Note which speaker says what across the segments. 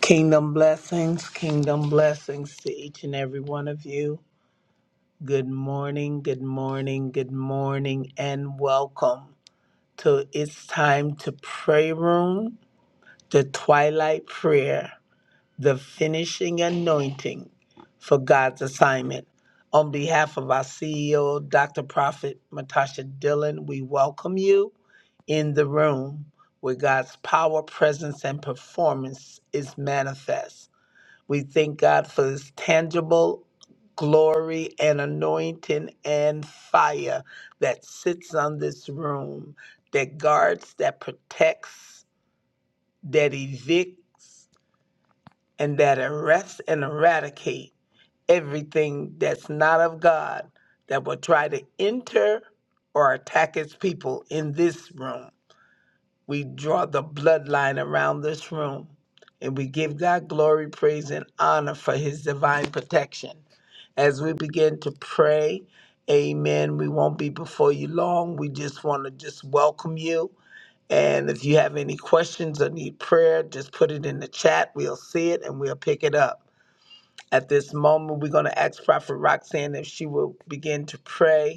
Speaker 1: Kingdom blessings, kingdom blessings to each and every one of you. Good morning, good morning, good morning, and welcome to It's Time to Pray Room, the Twilight Prayer, the finishing anointing for God's assignment. On behalf of our CEO, Dr. Prophet Matasha Dillon, we welcome you in the room where God's power, presence, and performance is manifest. We thank God for this tangible glory and anointing and fire that sits on this room, that guards, that protects, that evicts, and that arrests and eradicate everything that's not of God that will try to enter or attack his people in this room. We draw the bloodline around this room and we give God glory, praise, and honor for his divine protection. As we begin to pray, amen, we won't be before you long. We just want to just welcome you. And if you have any questions or need prayer, just put it in the chat. We'll see it and we'll pick it up. At this moment, we're going to ask Prophet Roxanne if she will begin to pray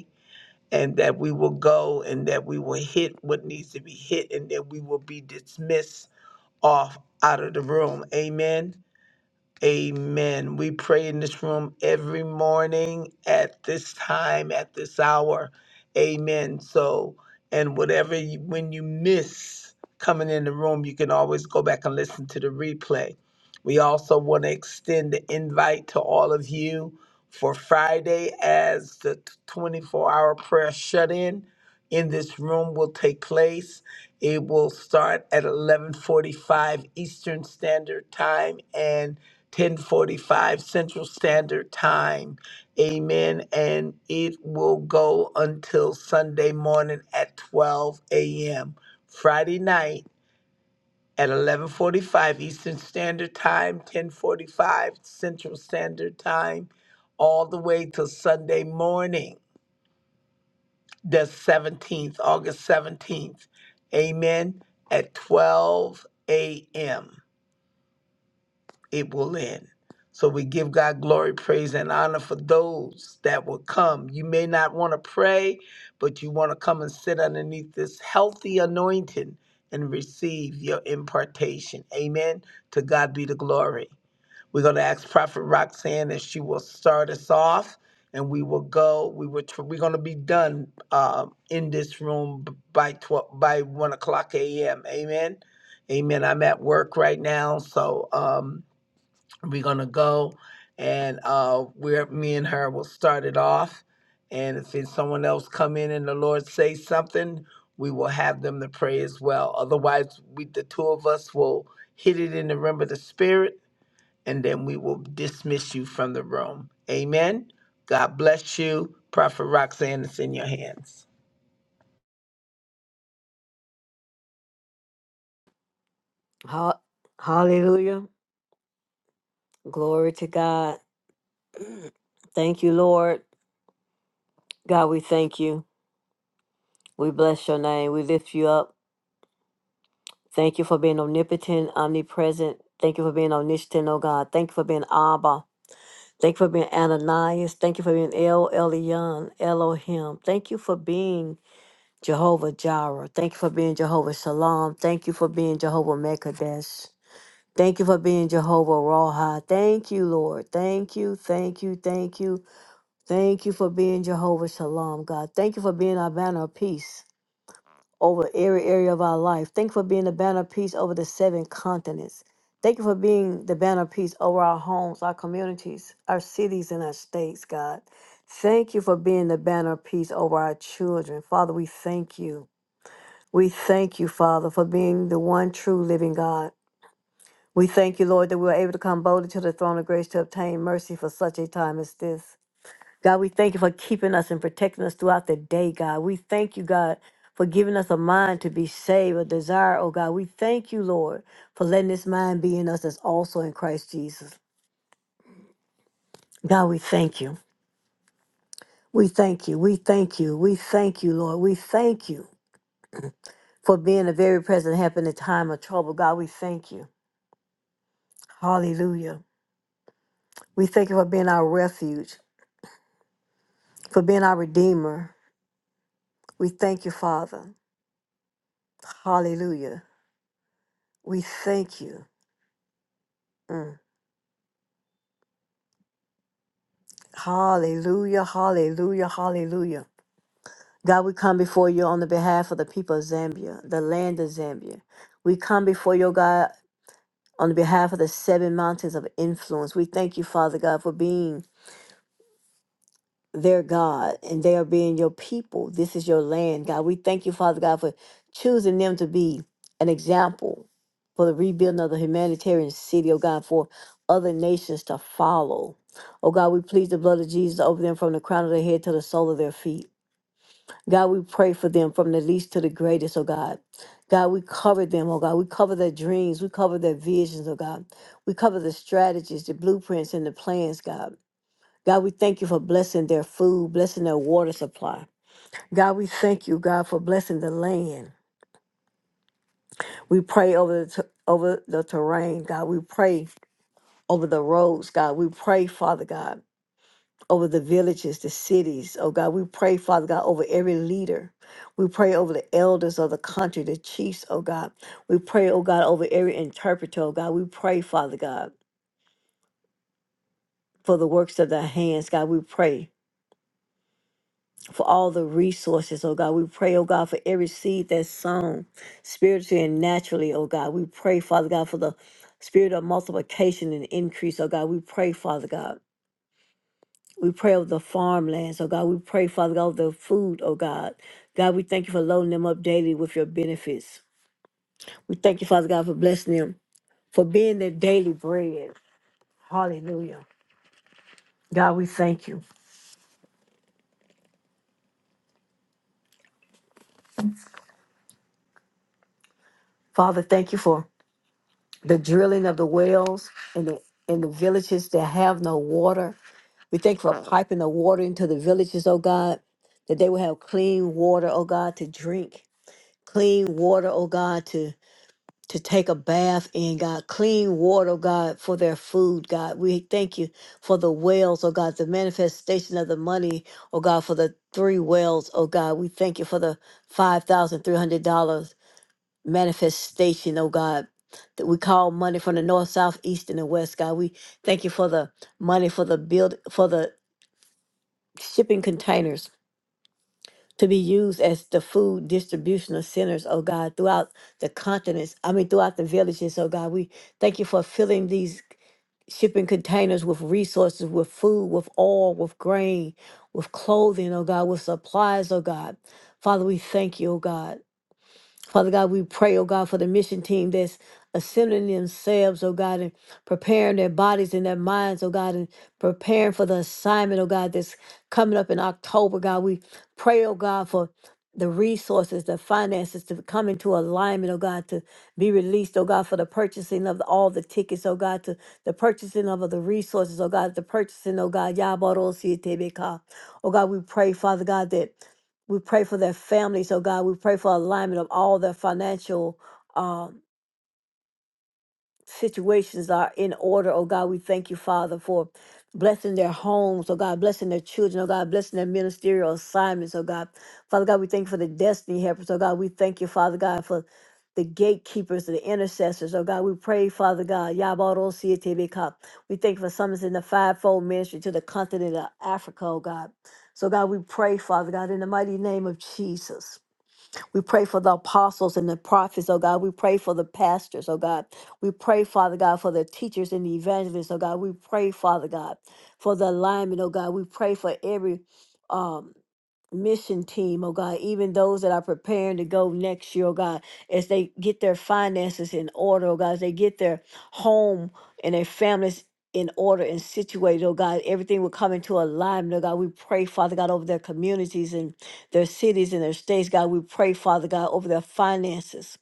Speaker 1: and that we will go and that we will hit what needs to be hit and that we will be dismissed off out of the room. Amen. Amen. We pray in this room every morning at this time, at this hour. Amen. So, and whatever, you, when you miss coming in the room, you can always go back and listen to the replay. We also want to extend the invite to all of you for Friday as the 24 hour prayer shut in in this room will take place. It will start at 11:45 Eastern Standard Time and 1045 Central Standard Time. Amen. And it will go until Sunday morning at 12 a.m. Friday night at 1145 Eastern Standard Time, 1045 Central Standard Time, all the way till Sunday morning, the 17th, August 17th. Amen. At 12 a.m. it will end. So we give God glory, praise, and honor for those that will come. You may not want to pray, but you want to come and sit underneath this healthy anointing and receive your impartation. Amen. To God be the glory. We're going to ask Prophet Roxanne if she will start us off, and we will go. We will. tr- We're going to be done um, in this room b- by twelve by one o'clock a.m. Amen. Amen. I'm at work right now, so. Um, we're gonna go and uh where me and her will start it off and if it's someone else come in and the lord say something we will have them to pray as well otherwise we the two of us will hit it in the realm of the spirit and then we will dismiss you from the room amen god bless you prophet roxanne It's in your hands
Speaker 2: Ha- Hallelujah. Glory to God. Thank you, Lord. God, we thank you. We bless your name. We lift you up. Thank you for being omnipotent, omnipresent. Thank you for being omniscient, oh God. Thank you for being Abba. Thank you for being Ananias. Thank you for being El Elyon, Elohim. Thank you for being Jehovah Jireh. Thank you for being Jehovah Shalom. Thank you for being Jehovah Mekadesh. Thank you for being Jehovah Raha. Thank you, Lord. Thank you, thank you, thank you. Thank you for being Jehovah Shalom, God. Thank you for being our banner of peace over every area of our life. Thank you for being the banner of peace over the seven continents. Thank you for being the banner of peace over our homes, our communities, our cities, and our states, God. Thank you for being the banner of peace over our children. Father, we thank you. We thank you, Father, for being the one true living God. We thank you, Lord, that we are able to come boldly to the throne of grace to obtain mercy for such a time as this. God, we thank you for keeping us and protecting us throughout the day, God. We thank you, God, for giving us a mind to be saved, a desire, oh God. We thank you, Lord, for letting this mind be in us that's also in Christ Jesus. God, we thank you. We thank you. We thank you. We thank you, Lord. We thank you for being a very present help in the time of trouble. God, we thank you. Hallelujah. We thank you for being our refuge, for being our redeemer. We thank you, Father. Hallelujah. We thank you. Mm. Hallelujah, hallelujah, hallelujah. God, we come before you on the behalf of the people of Zambia, the land of Zambia. We come before you, God, on the behalf of the seven mountains of influence. We thank you, Father God, for being their God and they are being your people. This is your land, God. We thank you, Father God, for choosing them to be an example for the rebuilding of the humanitarian city, oh God, for other nations to follow. Oh God, we plead the blood of Jesus over them from the crown of their head to the sole of their feet. God, we pray for them from the least to the greatest, oh God. God, we cover them, oh God. We cover their dreams. We cover their visions, oh God. We cover the strategies, the blueprints, and the plans, God. God, we thank you for blessing their food, blessing their water supply. God, we thank you, God, for blessing the land. We pray over the, ter- over the terrain, God. We pray over the roads, God. We pray, Father God. over the villages, the cities. Oh God, we pray, Father God, over every leader. We pray over the elders of the country, the chiefs, oh God. We pray, oh God, over every interpreter, oh God. We pray, Father God, for the works of thy hands, God. We pray for all the resources, oh God. We pray, oh God, for every seed that's sown spiritually and naturally, oh God. We pray, Father God, for the spirit of multiplication and increase, oh God. We pray, Father God. We pray over the farmlands, oh God. We pray, Father God, over the food, oh God. God, we thank you for loading them up daily with your benefits. We thank you, Father God, for blessing them, for being their daily bread. Hallelujah. God, we thank you. Father, thank you for the drilling of the wells and the in the villages that have no water. We thank you for piping the water into the villages, oh God, that they will have clean water, oh God, to drink. Clean water, oh God, to. to take a bath in, God, clean water, God, for their food, God. We thank you for the wells, oh God, the manifestation of the money, oh God, for the three wells, oh God. We thank you for the $5,300 manifestation, oh God. That we call money from the north, south, east, and the west, God. We thank you for the money for the build for the shipping containers to be used as the food distributional centers, oh God, throughout the continents, I mean, throughout the villages, oh God. We thank you for filling these shipping containers with resources, with food, with oil, with grain, with clothing, oh God, with supplies, oh God. Father, we thank you, oh God. Father God, we pray, oh God, for the mission team that's assembling themselves, oh God, and preparing their bodies and their minds, oh God, and preparing for the assignment, oh God, that's coming up in October, God. We pray, oh God, for the resources, the finances to come into alignment, oh God, to be released, oh God, for the purchasing of all the tickets, oh God, to the purchasing of the resources, oh God, the purchasing, oh God, Yabaro Sietebeka. Oh God, we pray, Father God, that we pray for their families, oh God. We pray for alignment of all their financial um, situations are in order, oh God. We thank you, Father, for blessing their homes, oh God, blessing their children, oh God, blessing their ministerial assignments, oh God. Father God, we thank you for the destiny helpers, oh God. We thank you, Father God, for the gatekeepers, the intercessors, oh God. We pray, Father God, Yabaro Sietebeka. We thank you for summons in the fivefold ministry to the continent of Africa, oh God. So God, we pray, Father God, in the mighty name of Jesus. We pray for the apostles and the prophets, oh God. We pray for the pastors, oh God. We pray, Father God, for the teachers and the evangelists, oh God. We pray, Father God, for the alignment, oh God. We pray for every um mission team, oh God, even those that are preparing to go next year, oh God, as they get their finances in order, oh God, as they get their home and their families in order and situated, oh God, everything will come into alignment, oh God. We pray, Father God, over their communities and their cities and their states, God. We pray, Father God, over their finances.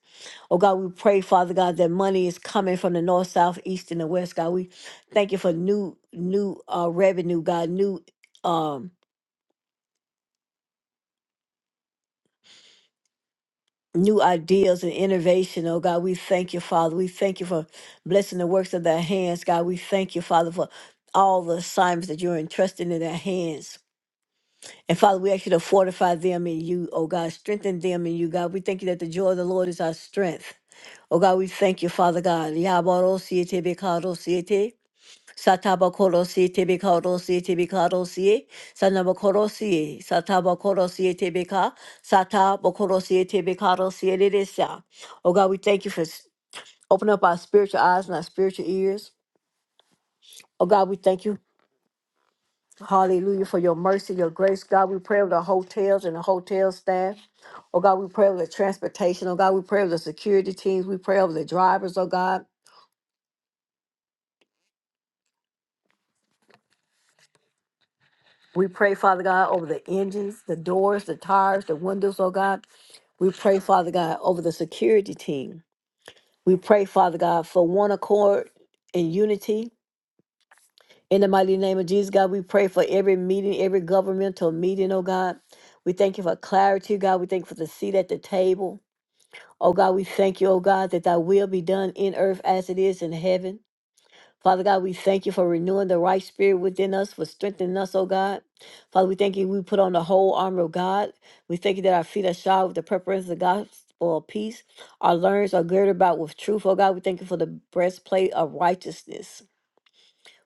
Speaker 2: Oh God, we pray, Father God, that money is coming from the north, south, east, and the west, God. We thank you for new new uh revenue, God, new um new ideas and innovation, oh God. We thank you, Father. We thank you for blessing the works of their hands, God. We thank you, Father, for all the assignments that you're entrusting in their hands. And Father, we ask you to fortify them in you, oh God. Strengthen them in you, God. We thank you that the joy of the Lord is our strength. Oh God, we thank you, Father God. Yabaro siete Satabakorosi tebikorosi tebikarosi sanabakorosi satabakorosi tebika satabakorosi tebikarosi elidisa. Oh God, we thank you for s- opening up our spiritual eyes and our spiritual ears. Oh God, we thank you, hallelujah, for your mercy, your grace. God, we pray with the hotels and the hotel staff. Oh God, we pray over the transportation. Oh God, we pray over the security teams. We pray over the drivers, oh God. We pray, Father God, over the engines, the doors, the tires, the windows, oh God. We pray, Father God, over the security team. We pray, Father God, for one accord and unity. In the mighty name of Jesus, God, we pray for every meeting, every governmental meeting, oh God. We thank you for clarity, God. We thank you for the seat at the table. Oh God, we thank you, oh God, that thy will be done in earth as it is in heaven. Father God, we thank you for renewing the right spirit within us, for strengthening us, oh God. Father, we thank you. We put on the whole armor of God. We thank you that our feet are shod with the preparation of the gospel of peace. Our loins are girded about with truth, oh God. We thank you for the breastplate of righteousness.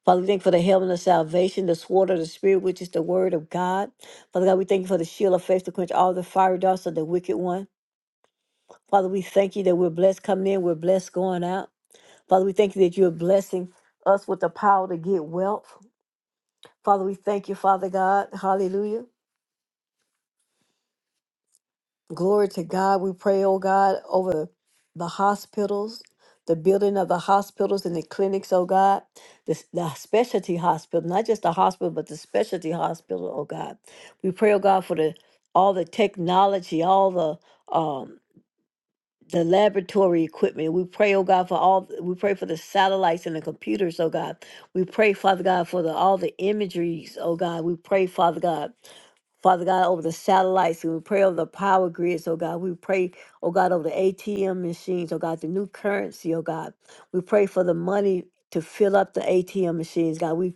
Speaker 2: Father, we thank you for the helmet of salvation, the sword of the Spirit, which is the word of God. Father God, we thank you for the shield of faith to quench all the fiery darts of the wicked one. Father, we thank you that we're blessed coming in, we're blessed going out. Father, we thank you that you're blessing us with the power to get wealth. Father, we thank you, Father God. Hallelujah. Glory to God. We pray, oh God, over the hospitals, the building of the hospitals and the clinics, oh God, the, s- the specialty hospital, not just the hospital, but the specialty hospital, oh God. We pray, oh God, for the all the technology, all the um the laboratory equipment. We pray, oh God, for all we pray for the satellites and the computers, oh God. We pray, Father God, for the all the imageries, oh God. We pray, Father God. Father God, over the satellites, and we pray over the power grids, oh God. We pray, oh God, over the ATM machines, oh God, the new currency, oh God. We pray for the money to fill up the ATM machines, God. We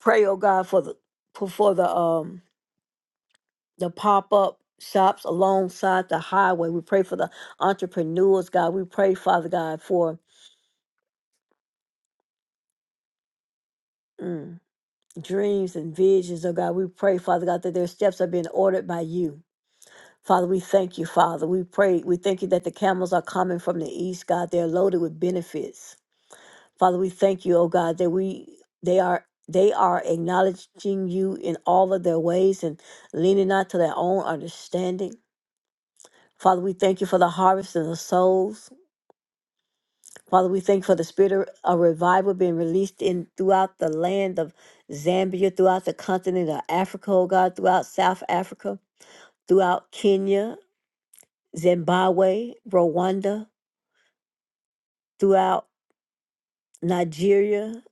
Speaker 2: pray, oh God, for the for for the um the pop-up shops alongside the highway. We pray for the entrepreneurs, God. We pray, Father God, for mm, dreams and visions, oh God. We pray, Father God, that their steps are being ordered by you. Father, we thank you, Father. We pray, we thank you that the camels are coming from the east, God. They're loaded with benefits. Father, we thank you, oh God, that we they are they are acknowledging you in all of their ways and leaning not to their own understanding. Father, we thank you for the harvest and the souls. Father, we thank you for the spirit of of revival being released in throughout the land of Zambia, throughout the continent of Africa, oh God, throughout South Africa, throughout Kenya, Zimbabwe, Rwanda, throughout Nigeria,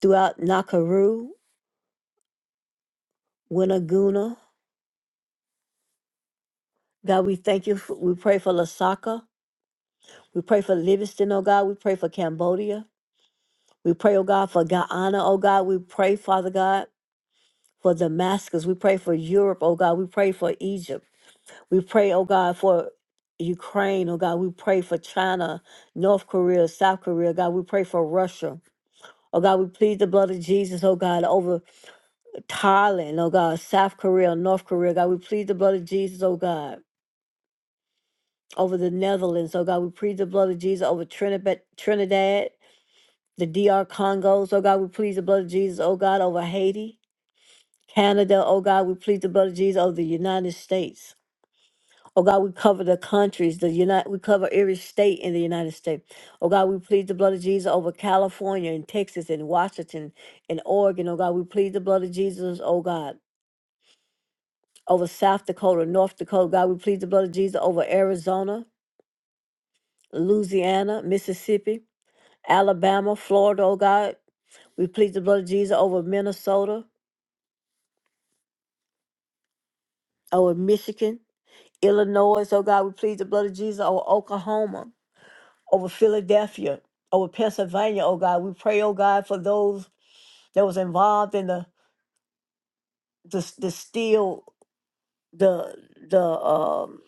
Speaker 2: throughout Nakuru, Winaguna. God, we thank you. For, we pray for Lasaka. We pray for Livingston, oh God. We pray for Cambodia. We pray, oh God, for Guyana, oh God. We pray, Father God, for Damascus. We pray for Europe, oh God. We pray for Egypt. We pray, oh God, for Ukraine, oh God. We pray for China, North Korea, South Korea, God. We pray for Russia. Oh God, we plead the blood of Jesus, oh God, over Thailand, oh God, South Korea, North Korea, God, we plead the blood of Jesus, oh God, over the Netherlands, oh God, we plead the blood of Jesus over Trinidad, Trinidad the DR Congos, oh God, we plead the blood of Jesus, oh God, over Haiti, Canada, oh God, we plead the blood of Jesus over the United States. Oh God, we cover the countries, the United, we cover every state in the United States. Oh God, we plead the blood of Jesus over California and Texas and Washington and Oregon. Oh God, we plead the blood of Jesus, oh God over South Dakota, North Dakota. God, we plead the blood of Jesus over Arizona, Louisiana, Mississippi, Alabama, Florida, oh God. We plead the blood of Jesus over Minnesota, over Michigan, Illinois, oh God. We plead the blood of Jesus over Oklahoma, over Philadelphia, over Pennsylvania, oh God. We pray, oh God, for those that was involved in the the, the steel, the the um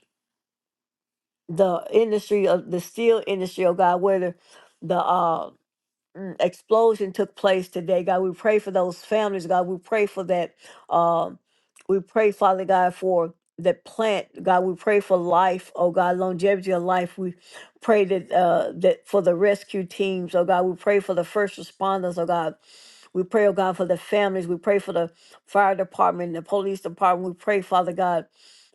Speaker 2: the industry of the steel industry, oh God, whether the the, uh, mm, explosion took place today. God, we pray for those families. God, we pray for that. Um, we pray, Father God, for that plant. God, we pray for life. Oh God, longevity of life. We pray that uh, that for the rescue teams. Oh God, we pray for the first responders. Oh God. We pray, oh God, for the families. We pray for the fire department, the police department. We pray, Father God,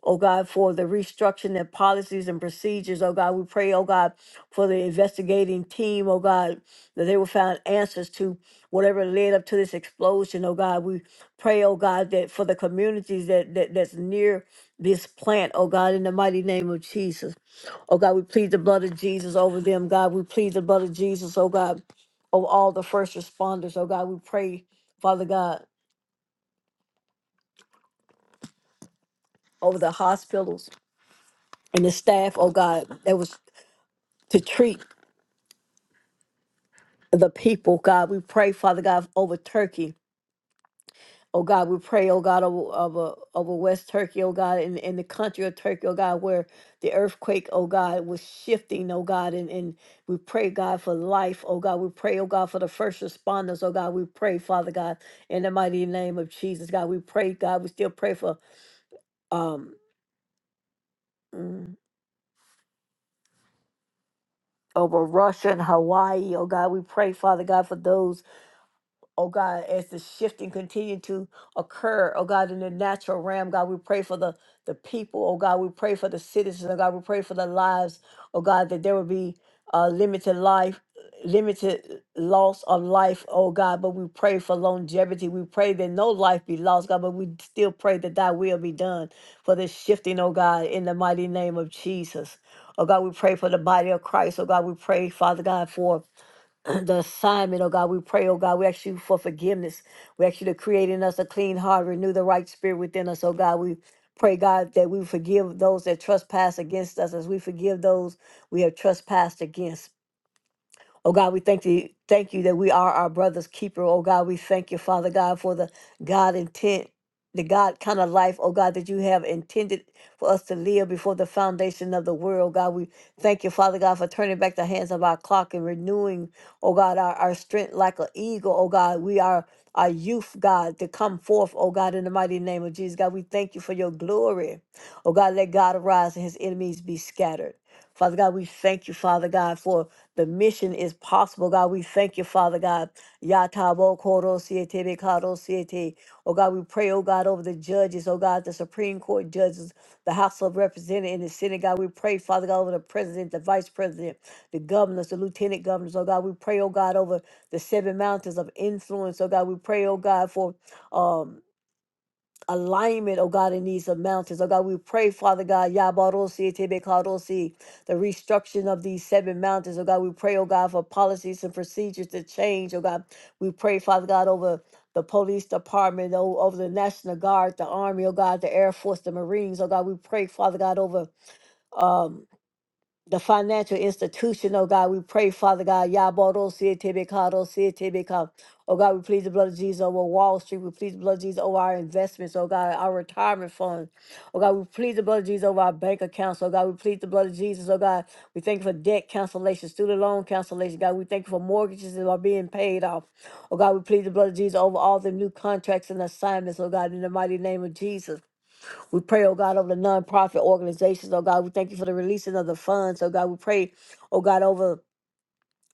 Speaker 2: oh God, for the restructuring of policies and procedures. Oh God, we pray, oh God, for the investigating team. Oh God, that they will find answers to whatever led up to this explosion. Oh God, we pray, oh God, that for the communities that, that that's near this plant, oh God, in the mighty name of Jesus. Oh God, we plead the blood of Jesus over them. God, we plead the blood of Jesus, oh God, over all the first responders. Oh God, we pray, Father God, over the hospitals and the staff, oh God, that was to treat the people, God. We pray, Father God, over Turkey. Oh God, we pray, oh God, over, over, over West Turkey, oh God, in, in the country of Turkey, oh God, where the earthquake, oh God, was shifting, oh God, and, and we pray, God, for life, oh God. We pray, oh God, for the first responders, oh God. We pray, Father God, in the mighty name of Jesus, God. We pray, God, we still pray for um mm, over Russia and Hawaii, oh God. We pray, Father God, for those. oh God, as the shifting continue to occur, oh God, in the natural realm, God, we pray for the, the people, oh God, we pray for the citizens, oh God, we pray for the lives, oh God, that there will be uh, limited life, limited loss of life, oh God, but we pray for longevity. We pray that no life be lost, God, but we still pray that thy will be done for the shifting, oh God, in the mighty name of Jesus. Oh God, we pray for the body of Christ. Oh God, we pray, Father God, for the assignment, oh God. We pray, oh God. We ask you for forgiveness. We ask you to create in us a clean heart, renew the right spirit within us, oh God. We pray, God, that we forgive those that trespass against us as we forgive those we have trespassed against. Oh God, we thank you, thank you that we are our brother's keeper. Oh God, we thank you, Father God, for the God intent, the God kind of life, oh God, that you have intended for us to live before the foundation of the world. Oh, God, we thank you, Father God, for turning back the hands of our clock and renewing, oh God, our, our strength like an eagle. Oh God, we are our youth, God, to come forth, oh God, in the mighty name of Jesus. God, we thank you for your glory. Oh God, let God arise and his enemies be scattered. Father God, we thank you, Father God, for the mission is possible, God. We thank you, Father God. Yatabo koro siete be karo siete. Oh God, we pray, oh God, over the judges, oh God, the Supreme Court judges, the House of Representatives, and the Senate, God. We pray, Father God, over the president, the vice president, the governors, the lieutenant governors, oh God. We pray, oh God, over the seven mountains of influence, oh God. We pray, oh God, for um alignment, oh God, in these uh, mountains. Oh God, we pray, Father God, Yabarosi, Tebekarosi, the restructuring of these seven mountains. Oh God, we pray, oh God, for policies and procedures to change. Oh God, we pray, Father God, over the police department, oh, over the National Guard, the Army, oh God, the Air Force, the Marines. Oh God, we pray, Father God, over. um the financial institution, oh God. We pray, Father God, Yabodo Sietibikado Sietibika. Oh God, we plead the blood of Jesus over Wall Street. We plead the blood of Jesus over our investments, oh God, our retirement funds. Oh God, we plead the blood of Jesus over our bank accounts. Oh God, we plead the blood of Jesus, oh God. We thank you for debt cancellation, student loan cancellation, God. We thank you for mortgages that are being paid off. Oh God, we plead the blood of Jesus over all the new contracts and assignments, oh God, in the mighty name of Jesus. We pray, oh God, over the nonprofit organizations, oh God. We thank you for the releasing of the funds, oh God. We pray, oh God, over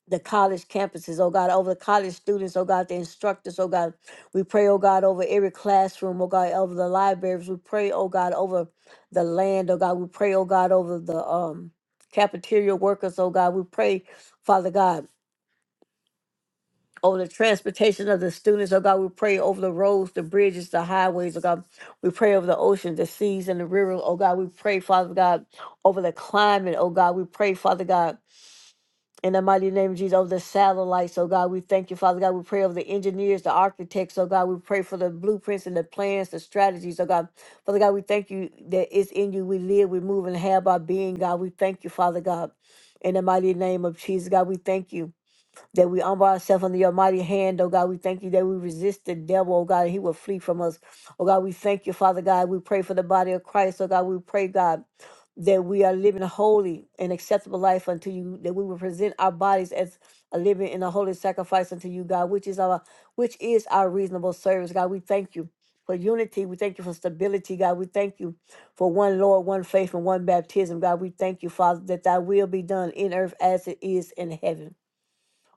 Speaker 2: the college campuses, oh God, over the college students, oh God, the instructors, oh God. We pray, oh God, over every classroom, oh God, over the libraries. We pray, oh God, over the land, oh God. We pray, oh God, over the um cafeteria workers, oh God. We pray, Father God over the transportation of the students. Oh God, we pray over the roads, the bridges, the highways. Oh God, we pray over the oceans, the seas, and the rivers. Oh God, we pray, Father God, over the climate. Oh God, we pray, Father God. In the mighty name of Jesus, over the satellites, oh God, we thank you, Father God. We pray over the engineers, the architects, oh God. We pray for the blueprints and the plans, the strategies, oh God. Father God, we thank you that it's in you. We live, we move, and have our being, God. We thank you, Father God. In the mighty name of Jesus, God, we thank you that we humble ourselves under your mighty hand, oh God. We thank you that we resist the devil, oh God, and he will flee from us. Oh God, we thank you, Father God. We pray for the body of Christ, oh God. We pray, God, that we are living a holy and acceptable life unto you, that we will present our bodies as a living and a holy sacrifice unto you, God, which is our which is our reasonable service. God, we thank you for unity. We thank you for stability, God. We thank you for one Lord, one faith, and one baptism. God, we thank you, Father, that thy will be done in earth as it is in heaven.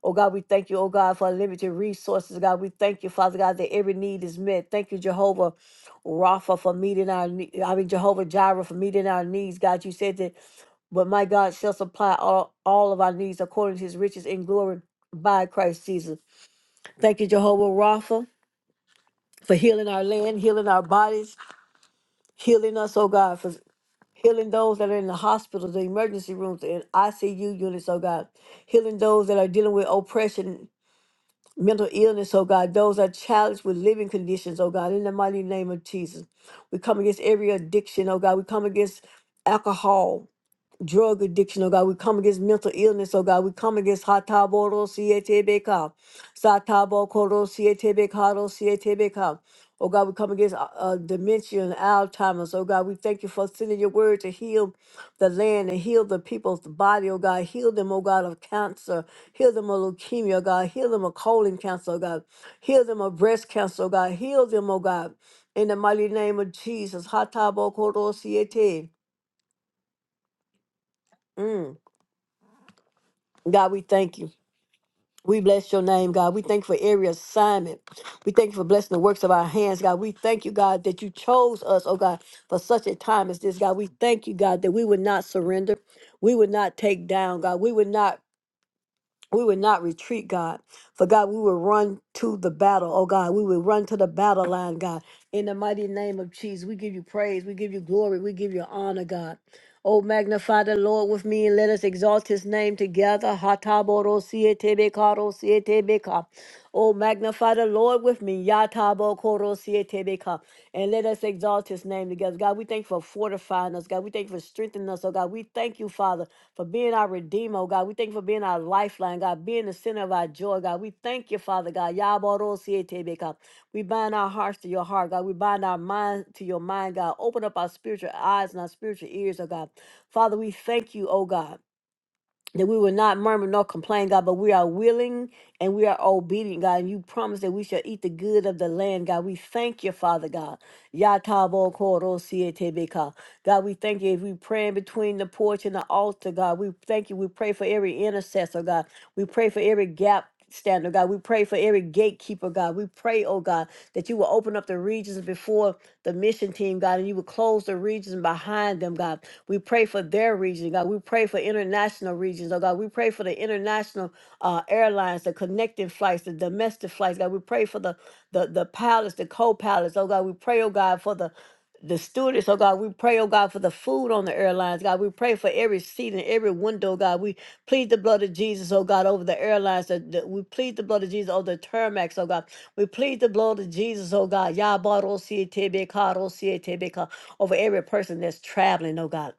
Speaker 2: Oh God, we thank you, oh God, for unlimited resources. God, we thank you, Father God, that every need is met. Thank you, Jehovah Rapha, for meeting our needs. I mean, Jehovah Jireh, for meeting our needs. God, you said that, but my God shall supply all, all of our needs according to his riches in glory by Christ Jesus. Thank you, Jehovah Rapha, for healing our land, healing our bodies, healing us, oh God, for healing those that are in the hospitals, the emergency rooms, and ICU units, oh God, healing those that are dealing with oppression mental illness, oh God, those are challenged with living conditions, oh God, in the mighty name of Jesus. We come against every addiction, oh God. We come against alcohol, drug addiction, oh God. We come against mental illness, oh God. We come against hataboro sietebeka, satabo koro sietebekaro sietebeka. Oh God, we come against uh, uh, dementia and Alzheimer's. Oh God, we thank you for sending your word to heal the land and heal the people's body. Oh God, heal them, oh God, of cancer. Heal them of leukemia, oh God. Heal them of colon cancer, oh God. Heal them of breast cancer, oh God. Heal them, oh God. In the mighty name of Jesus. Hatabo koro siete. Mm. God, we thank you. We bless your name, God. We thank you for every assignment. We thank you for blessing the works of our hands, God. We thank you, God, that you chose us, oh God, for such a time as this, God. We thank you, God, that we would not surrender. We would not take down, God. We would not we would not retreat, God. For God, we would run to the battle. Oh God, we would run to the battle line, God. In the mighty name of Jesus, we give you praise, we give you glory, we give you honor, God. Oh, magnify the Lord with me and let us exalt his name together. Hataboro siete bekaro siete beka. Oh, magnify the Lord with me. Yatabo koro siete beka. And let us exalt his name together. God, we thank you for fortifying us. God, we thank you for strengthening us. Oh, God, we thank you, Father for being our Redeemer, oh God. We thank you for being our lifeline, God, being the center of our joy, God. We thank you, Father God. Yabarosietebeka. We bind our hearts to your heart, God. We bind our mind to your mind, God. Open up our spiritual eyes and our spiritual ears, oh God. Father, we thank you, oh God that we will not murmur nor complain, God, but we are willing and we are obedient, God. And you promise that we shall eat the good of the land, God. We thank you, Father God. Yatabo koro sietebeka. God, we thank you if we praying between the porch and the altar, God. We thank you. We pray for every intercessor, God. We pray for every gap. stander, God. We pray for every gatekeeper, God. We pray, oh God, that you will open up the regions before the mission team, God, and you will close the regions behind them, God. We pray for their region, God. We pray for international regions, oh God. We pray for the international uh, airlines, the connecting flights, the domestic flights, God. We pray for the the the pilots, the co-pilots, oh God. We pray, oh God, for the the stewardess, oh God, we pray, oh God, for the food on the airlines, God. We pray for every seat and every window, God. We plead the blood of Jesus, oh God, over the airlines. The, the- we plead the blood of Jesus over the tarmacs, oh God. We plead the blood of Jesus, oh God. Yabaro siete beka, ro siete beka, over every person that's traveling, oh God.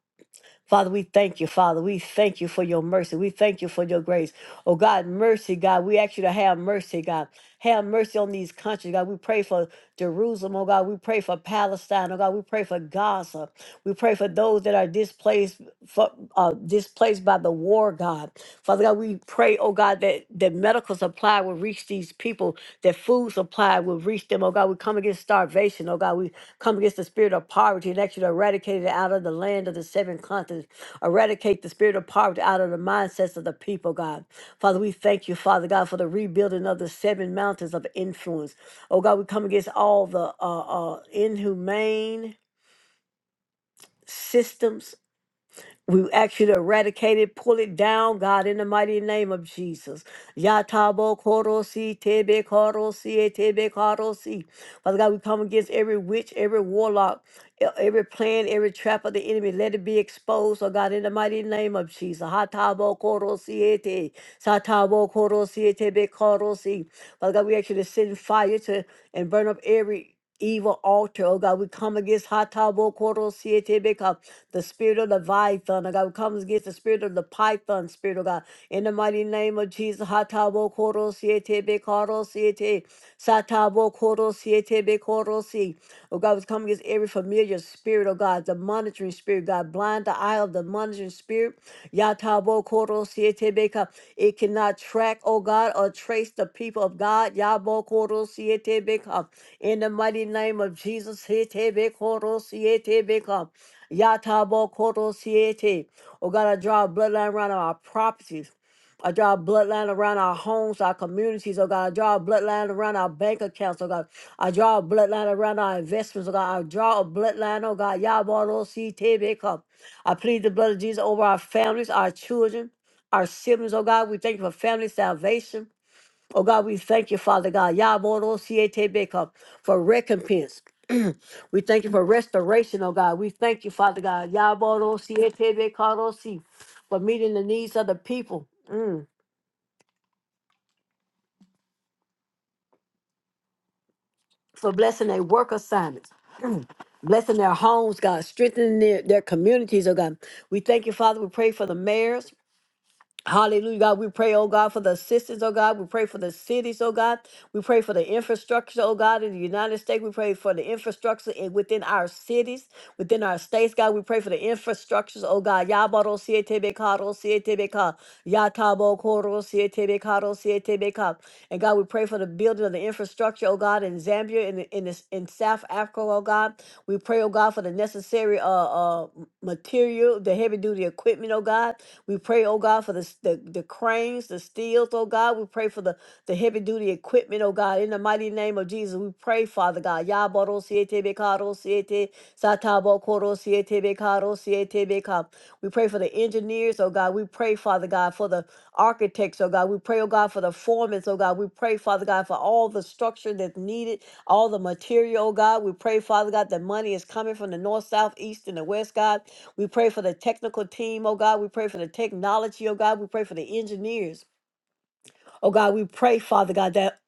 Speaker 2: Father, we thank you, Father. We thank you for your mercy. We thank you for your grace. Oh God, mercy, God. We ask you to have mercy, God. Have mercy on these countries, God. We pray for Jerusalem, oh God. We pray for Palestine, oh God. We pray for Gaza. We pray for those that are displaced, for, uh, displaced by the war, God. Father God, we pray, oh God, that that medical supply will reach these people, that food supply will reach them, oh God. We come against starvation, oh God. We come against the spirit of poverty and actually eradicate it out of the land of the seven continents. Eradicate the spirit of poverty out of the mindsets of the people, God. Father, we thank you, Father God, for the rebuilding of the seven mountains of influence. Oh God, we come against all the uh, uh, inhumane systems. We ask you to eradicate it, pull it down, God, in the mighty name of Jesus. Yatabo korosi tebe korosi e tebe korosi. Father God, we come against every witch, every warlock, e- every plan, every trap of the enemy, let it be exposed, oh God, in the mighty name of Jesus. Hatabo koro siete, satabo koro siete be koro si. Father God, we actually you to send fire to and burn up every evil altar, oh God. We come against hatabo koro siete be ka- the spirit of Leviathan, oh God. We come against the spirit of the python spirit, oh God. In the mighty name of Jesus, hatabo koro siete be koro siete. Satabo korosi etebe si. Oh God, we come against every familiar spirit, oh God, the monitoring spirit, God, blind the eye of the monitoring spirit. Yatabo korosi etebe ka. It cannot track, oh God, or trace the people of God. Yabo korosi etebe ka. In the mighty name of Jesus, etebe korosi etebe ka. Yatabo korosi ete. Oh God, I draw a bloodline around our properties. I draw a bloodline around our homes, our communities, oh God. I draw a bloodline around our bank accounts, oh God. I draw a bloodline around our investments, oh God. I draw a bloodline, oh God. Yabarositebeka. I plead the blood of Jesus over our families, our children, our siblings, oh God. We thank you for family salvation. Oh God, we thank you, Father God. Yabarositebeka, For recompense. we thank you for restoration, oh God. We thank you, Father God. Yabarositebeka, For meeting the needs of the people. Mm. for blessing their work assignments, blessing their homes, God, strengthening their, their communities, oh God. We thank you, Father. We pray for the mayors. Hallelujah, God. We pray, oh God, for the assistance, oh God. We pray for the cities, oh God. We pray for the infrastructure, oh God, in the United States. We pray for the infrastructure in, within our cities, within our states, God. We pray for the infrastructures, oh God. Yabaro sietebekaro sietebeka. Yatabo koro sietebekaro sietebeka. And God, we pray for the building of the infrastructure, oh God, in Zambia, in, in, this- in South Africa. Africa, oh God. We pray, oh God, for the necessary uh, uh, material, the heavy duty equipment, oh God. We pray, oh God, for the, s- the, the cranes, the steels, oh God. We pray for the, the heavy duty equipment, oh God. In the mighty name of Jesus, we pray, Father God. Yaboro siete bekaro siete, satabo koro siete bekaro siete beka. We pray for the engineers, oh God. We pray, Father God, for the architects, oh God. We pray, oh God, for the foremen, oh God. We pray, Father God, for all the structure that's needed all the material, oh God. We pray, Father God, that money is coming from the north, south, east, and the west, God. We pray for the technical team, oh God. We pray for the technology, oh God. We pray for the engineers, oh God. We pray, Father God, that,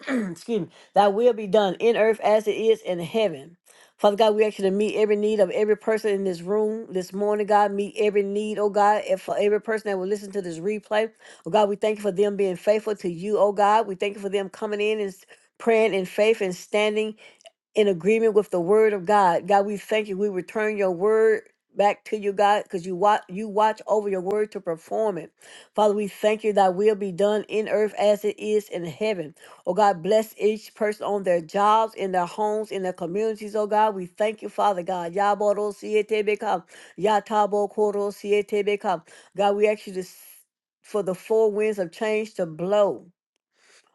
Speaker 2: excuse me, that will be done in earth as it is in heaven. Father God, we ask you to meet every need of every person in this room this morning, God. Meet every need, oh God, and for every person that will listen to this replay. Oh God, we thank you for them being faithful to you, oh God. We thank you for them coming in and s- praying in faith and standing in agreement with the word of God. God, we thank you. We return your word back to you, God, because you watch you watch over your word to perform it. Father, we thank you that will be done in earth as it is in heaven. Oh God, bless each person on their jobs, in their homes, in their communities. Oh God, we thank you, Father God. Yaboro siete beka, yatabo koro siete beka. God, we ask you to s- for the four winds of change to blow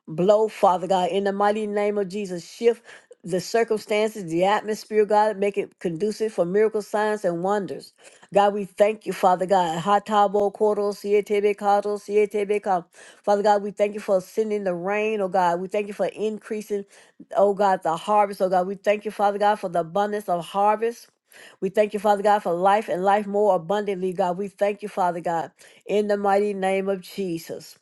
Speaker 2: blow, Father God, in the mighty name of Jesus. Shift the circumstances, the atmosphere, God, make it conducive for miracle signs and wonders. God, we thank you, Father God. Hatabo koro sietebe kato sietebe ka. Father God, we thank you for sending the rain, oh God. We thank you for increasing, oh God, the harvest, oh God. We thank you, Father God, for the abundance of harvest. We thank you, Father God, for life and life more abundantly, God. We thank you, Father God, in the mighty name of Jesus.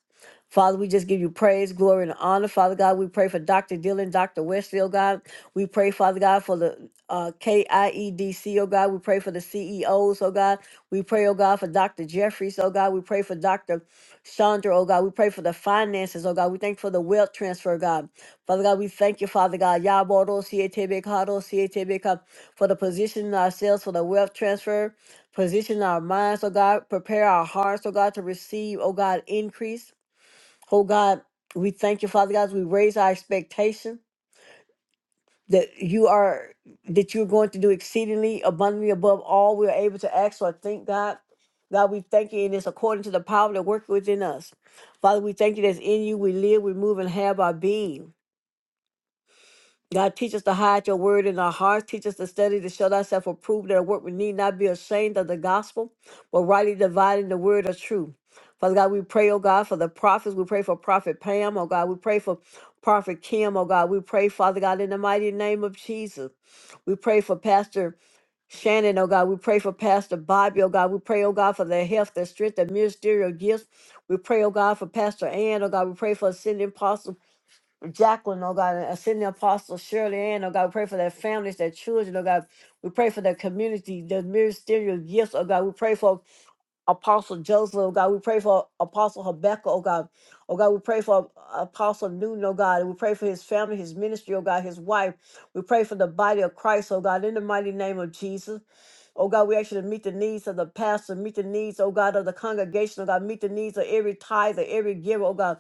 Speaker 2: Father, we just give you praise, glory, and honor. Father God, we pray for Dr. Dillon, Dr. Westfield, God. We pray, Father God, for the uh, KIEDC, oh God. We pray for the CEOs, oh God. We pray, oh God, for Dr. Jeffries, oh God. We pray for Dr. Chandra, oh God. We pray for the finances, oh God. We thank you for the wealth transfer, oh God. Father God, we thank you, Father God. Yaboro, Sietebekado, Sietebeka, for the positioning ourselves for the wealth transfer, position our minds, oh God. Prepare our hearts, oh God, to receive, oh God, increase. Oh God, we thank you, Father God. as We raise our expectation that you are that you're going to do exceedingly abundantly above all we are able to ask or think, God. God, we thank you, and it's according to the power that works within us. Father, we thank you that's in you. We live, we move, and have our being. God, teach us to hide your word in our hearts. Teach us to study to show thyself approved that our work we need not be ashamed of the gospel, but rightly dividing the word of truth. Father God, we pray, oh God, for the prophets. We pray for Prophet Pam, oh God. We pray for Prophet Kim, oh God. We pray, Father God, in the mighty name of Jesus. We pray for Pastor Shannon, oh God. We pray for Pastor Bobby, oh God. We pray, oh God, for their health, their strength, their ministerial gifts. We pray, oh God, for Pastor Ann, oh God. We pray for ascending apostle. Jacqueline, oh God, and send apostle Shirley Ann, oh God, we pray for their families, their children, oh God. We pray for their community, their ministerial gifts, oh God. We pray for Apostle Joseph, oh God. We pray for Apostle Habakkuk, oh God. Oh God, we pray for Apostle Newton, oh God. We pray for his family, his ministry, oh God, his wife. We pray for the body of Christ, oh God, in the mighty name of Jesus. Oh God, we actually meet the needs of the pastor, meet the needs, oh God, of the congregation, oh God, meet the needs of every tither, every giver, oh God,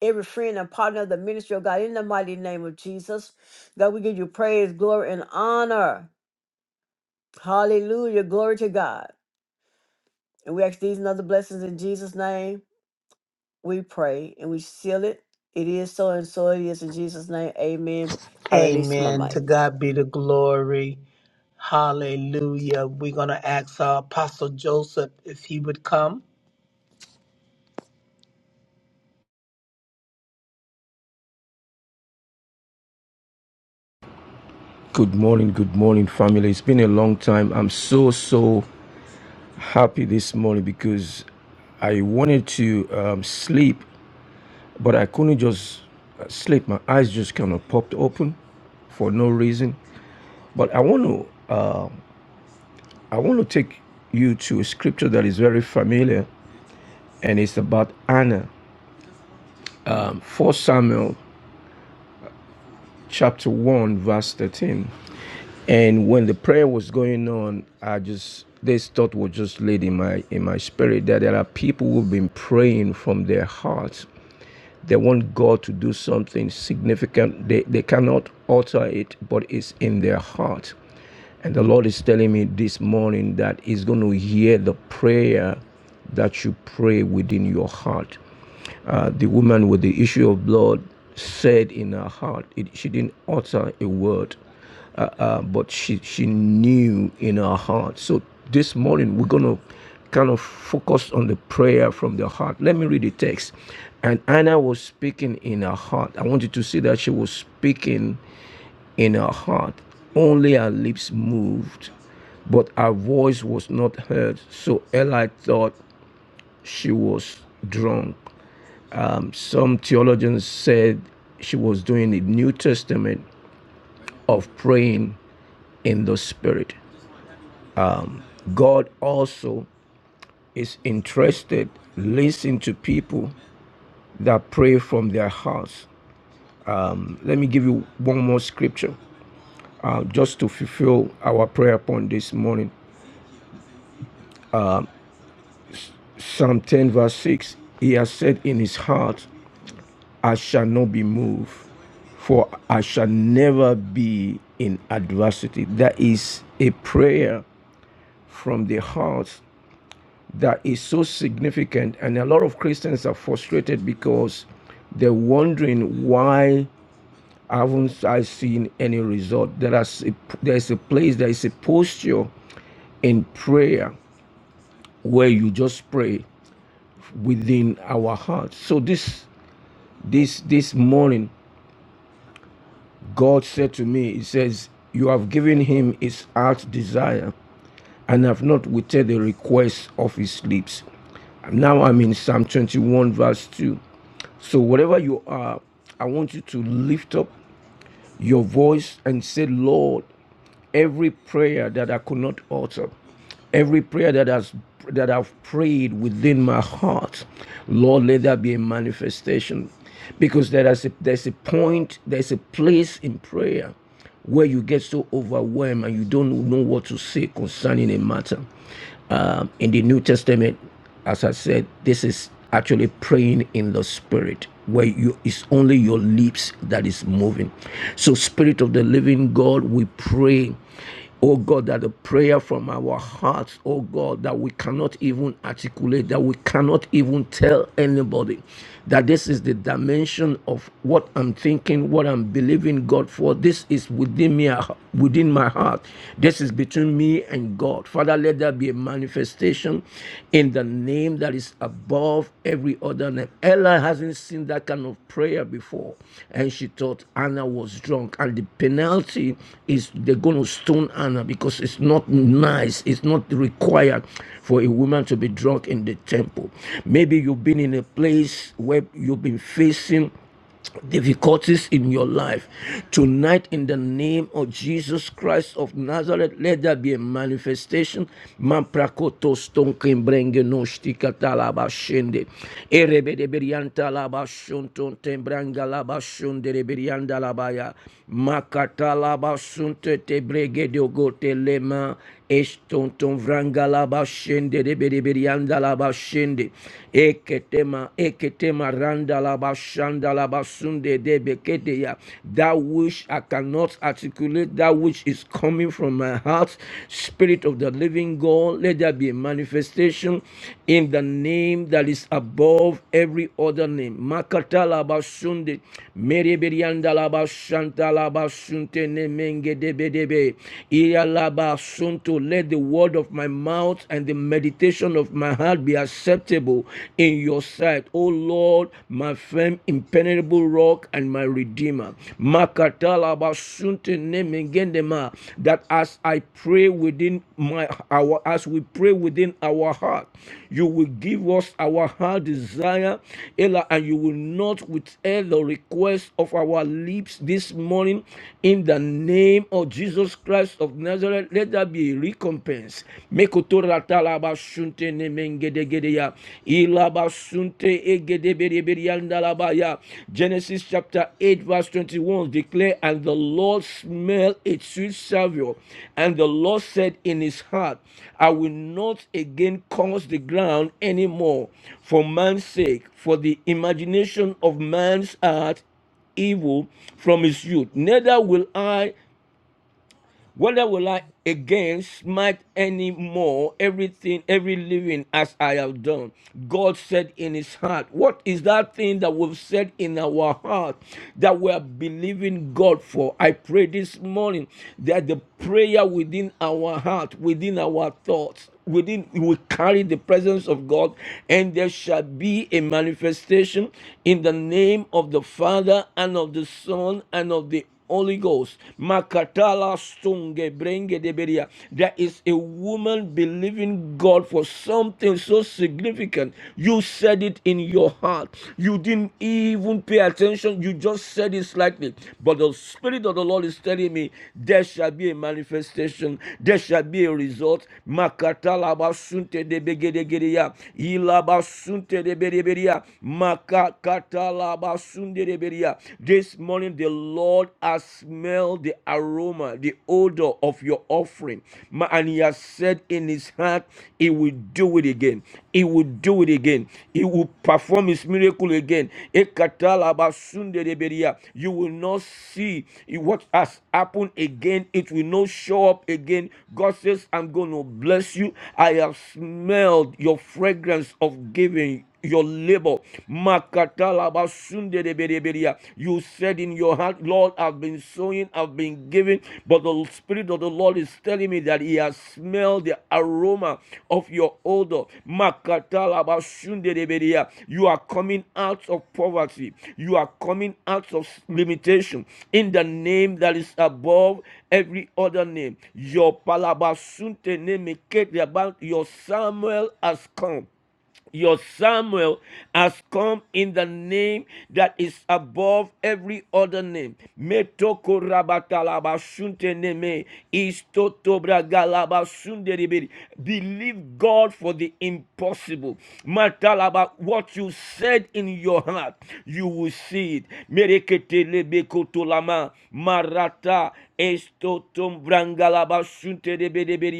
Speaker 2: every friend and partner of the ministry, oh God, in the mighty name of Jesus. God, we give you praise, glory, and honor. Hallelujah. Glory to God. And we ask these and other blessings in Jesus' name. We pray and we seal it. It is so and so it is in Jesus' name. Amen. I release my
Speaker 1: Amen.
Speaker 2: mic.
Speaker 1: To God be the glory. Hallelujah. We're going to ask our Apostle Joseph if he would come.
Speaker 3: Good morning, good morning, family. It's been a long time. I'm so, so happy this morning because I wanted to um, sleep, but I couldn't just uh, sleep. My eyes just kind of popped open for no reason. But I want to, uh, I want to take you to a scripture that is very familiar, and it's about Anna. Um, 4 Samuel chapter 1, verse 13. And when the prayer was going on, I just this thought was just laid in my in my spirit that there are people who've been praying from their hearts. They want God to do something significant. They they cannot alter it, but it's in their heart. And the Lord is telling me this morning that He's going to hear the prayer that you pray within your heart. Uh, the woman with the issue of blood said in her heart, it, she didn't utter a word uh, uh, but she she knew in her heart. So this morning we're gonna kind of focus on the prayer from the heart. Let me read the text. And Anna was speaking in her heart. I want you to see that she was speaking in her heart. Only her lips moved, but her voice was not heard. So Eli thought she was drunk. Um, Some theologians said she was doing the New Testament of praying in the Spirit. God also is interested. Listen to people that pray from their hearts. Let me give you one more scripture uh, just to fulfill our prayer point this morning. Psalm 10, verse 6 He has said in his heart, I shall not be moved, for I shall never be in adversity. That is a prayer from the heart that is so significant, and a lot of Christians are frustrated because they're wondering why haven't I seen any result? There is a, there is a place, there is a posture in prayer where you just pray within our hearts. So this this this morning, God said to me, He says, "You have given him his heart's desire." and have not withheld the request of his lips. Now I'm in Psalm 21, verse 2. So, whatever you are, I want you to lift up your voice and say, Lord, every prayer that I could not utter, every prayer that has that I've prayed within my heart, Lord, let that be a manifestation. Because there is a, there's a point, there's a place in prayer where you get so overwhelmed and you don't know what to say concerning a matter. Um, in the New Testament, as I said, this is actually praying in the spirit, where you it's only your lips that is moving. So, Spirit of the Living God, we pray. Oh God, that the prayer from our hearts, oh God, that we cannot even articulate, that we cannot even tell anybody that this is the dimension of what I'm thinking, what I'm believing God for. This is within me, within my heart. This is between me and God. Father, let there be a manifestation in the name that is above every other name. Ella hasn't seen that kind of prayer before, and she thought Anna was drunk. And the penalty is they're going to stone Anna because it's not nice, it's not required for a woman to be drunk in the temple temple. Maybe you've been in a place where you've been facing difficulties in your life. Tonight, in the name of Jesus Christ of Nazareth, let there be a manifestation. Mamprakoto stonken brenge noshti katalaba Erebe de berianta laba tembranga laba de berianda labaya. Makatalaba sunte te brege de ogote lema. Estonton vrangalaba shende de beribirianda laba shende. Eketema eketema randa laba shanda laba sunde de bekete That which I cannot articulate, that which is coming from my heart, Spirit of the living God, let there be a manifestation in the name that is above every other name. Makata la basunde, sunde, meribirianda laba shanta laba sunte ne menge de bede Telebe. Iyalaba sunto. Let the word of my mouth and the meditation of my heart be acceptable in your sight, O Lord, my firm, impenetrable rock and my redeemer. Makatalaba sunto nemengendema. That as I pray within my our as we pray within our heart. You will give us our heart desire, Ella, and you will not withhold the request of our lips this morning. In the name of Jesus Christ of Nazareth, let there be a recompense. Mekotora talaba shunte nemengede gedeya. Ilaba sunte Genesis chapter 8, verse 21 declare, And the Lord smelled a sweet savour, and the Lord said in his heart, I will not again curse the ground anymore for man's sake, for the imagination of man's heart evil from his youth. Neither will I whether will I again smite any more everything, every living as I have done? God said in his heart, What is that thing that we've said in our heart that we are believing God for? I pray this morning that the prayer within our heart, within our thoughts, within we will carry the presence of God, and there shall be a manifestation in the name of the Father and of the Son and of the Holy Ghost. Makatala stunge brenge deberia. There is a woman believing God for something so significant. You said it in your heart. You didn't even pay attention. You just said it slightly. But the Spirit of the Lord is telling me there shall be a manifestation. There shall be a result. Makatala basunte debegedegeria. Ilaba sunte debedeberia. Makakatala basunde this morning, the Lord has smelled the aroma, the odor of your offering. And He has said in His heart, He will do it again. He will do it again. He will perform His miracle again. Ekatalabasundeleberia. You will not see what has happened again. It will not show up again. God says, I'm going to bless you. I have smelled your fragrance of giving your labor. Makatalabasundedebedebedea. You said in your heart, Lord, I've been sowing, I've been giving, but the Spirit of the Lord is telling me that He has smelled the aroma of your odor. Makatalabasundedebedea. You are coming out of poverty, you are coming out of limitation in the name that is above every other name. Your palabasunte name, about your Samuel has come. Your Samuel has come in the name that is above every other name. Metoko rabatalaba shunte neme, istoto bragalaba shunde Believe God for the impossible. Matalaba, what you said in your heart, you will see it. Merekete lebe marata. Estotom brangalaba shunte de be de be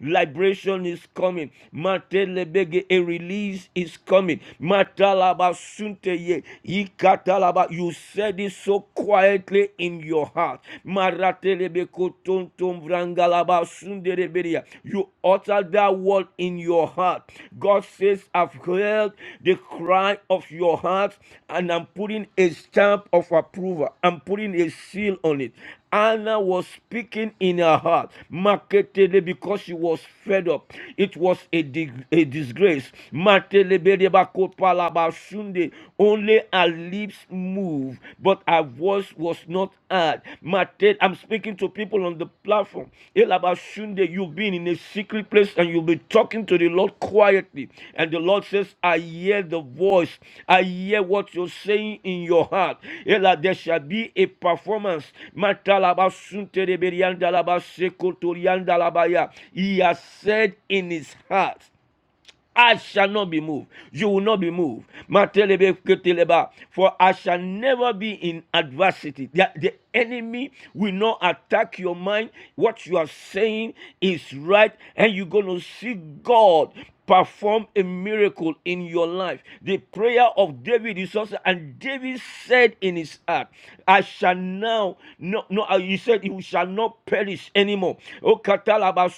Speaker 3: Liberation is coming. Matelebege, a release is coming. Matalaba shunte ye. Ikatalaba. You said it so quietly in your heart. Maratelebe kotontom brangalaba shunde de be You utter that word in your heart. God God says, I've heard the cry of your heart, and I'm putting a stamp of approval. I'm putting a seal on it. Anna was speaking in her heart, marketedly because she was fed up. It was a, dig- a disgrace. Mateleberebakopalabashunde. Only her lips moved, but her voice was not uh, Mate, I'm speaking to people on the platform. Elabashunde, You've been in a secret place and you'll be talking to the Lord quietly. And the Lord says, I hear the voice. I hear what you're saying in your heart. Ela, There shall be a performance. Matalabashunte reberiandalabasekotoriandalabaya. He has said in his heart. I shall not be moved. You will not be moved. For I shall never be in adversity. The, the enemy will not attack your mind. What you are saying is right, and you're going to see God perform a miracle in your life. The prayer of David is also, and David said in his heart, I shall now, no, no, uh, he said, you shall not perish anymore. Oh, katalaba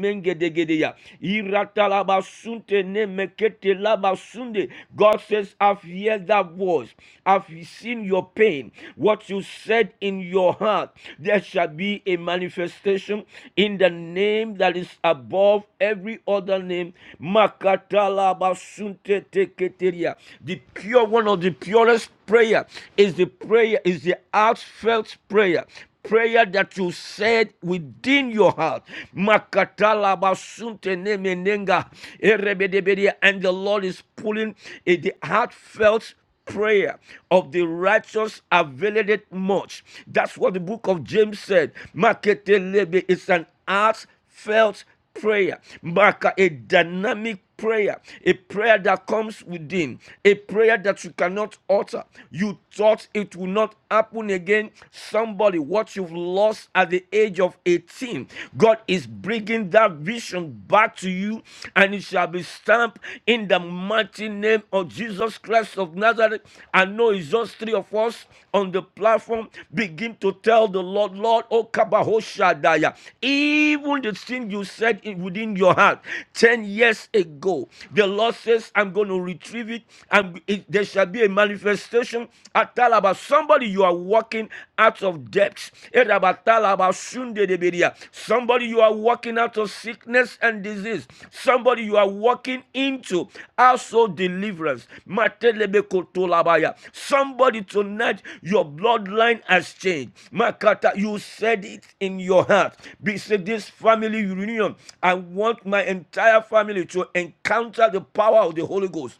Speaker 3: mengedegedeya. Iratalabasunte ne mekete labasunde. God says, I've heard that voice. I've seen your pain. What you said in your heart, there shall be a manifestation in the name that is above every other name. Makatalabasunte teketeria. The pure one of the purest prayer is the prayer, is the heartfelt prayer prayer that you said within your heart. Makatala basunte nemenenga erebedebedia. And the Lord is pulling eh, the heartfelt prayer of the righteous availeth it much. That's what the book of James said. Maketelebe is an heartfelt prayer. Maka, a dynamic prayer, a prayer that comes within, a prayer that you cannot utter. You thought it will not happen again. Somebody, what you've lost at the age of 18, God is bringing that vision back to you, and it shall be stamped in the mighty name of Jesus Christ of Nazareth. God. I know it's just three of us on the platform. Begin to tell the Lord, Lord, oh Kabahoshadaya, even the thing you said in, within your heart 10 years ago, the Lord says, I'm going to retrieve it. And it, there shall be a manifestation. Atalaba, somebody you are walking out of depths. Erabatalaba sunde de area. Somebody, you are walking out of sickness and disease. Somebody, you are walking into also deliverance. Somebody, tonight, your bloodline has changed. Makata, you said it in your heart. Be said this family reunion. I want my entire family to encounter the power of the Holy Ghost.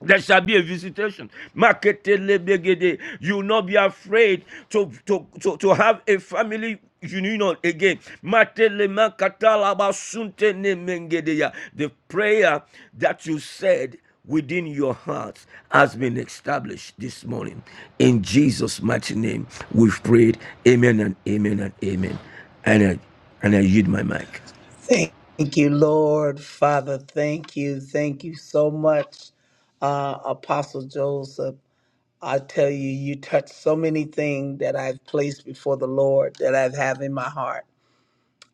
Speaker 3: There shall be a visitation. Maketelebegede. You will not be afraid to, to, to, to have a family union again. Matelemakatalabasuntenemengedeya. The prayer that you said within your heart has been established this morning. In Jesus' mighty name, we've prayed. Amen and amen and amen. And I, and I yield my mic.
Speaker 1: Thank you, Lord. Father, thank you. Thank you so much, uh, Apostle Joseph. I tell you, you touched so many things that I've placed before the Lord that I have in my heart.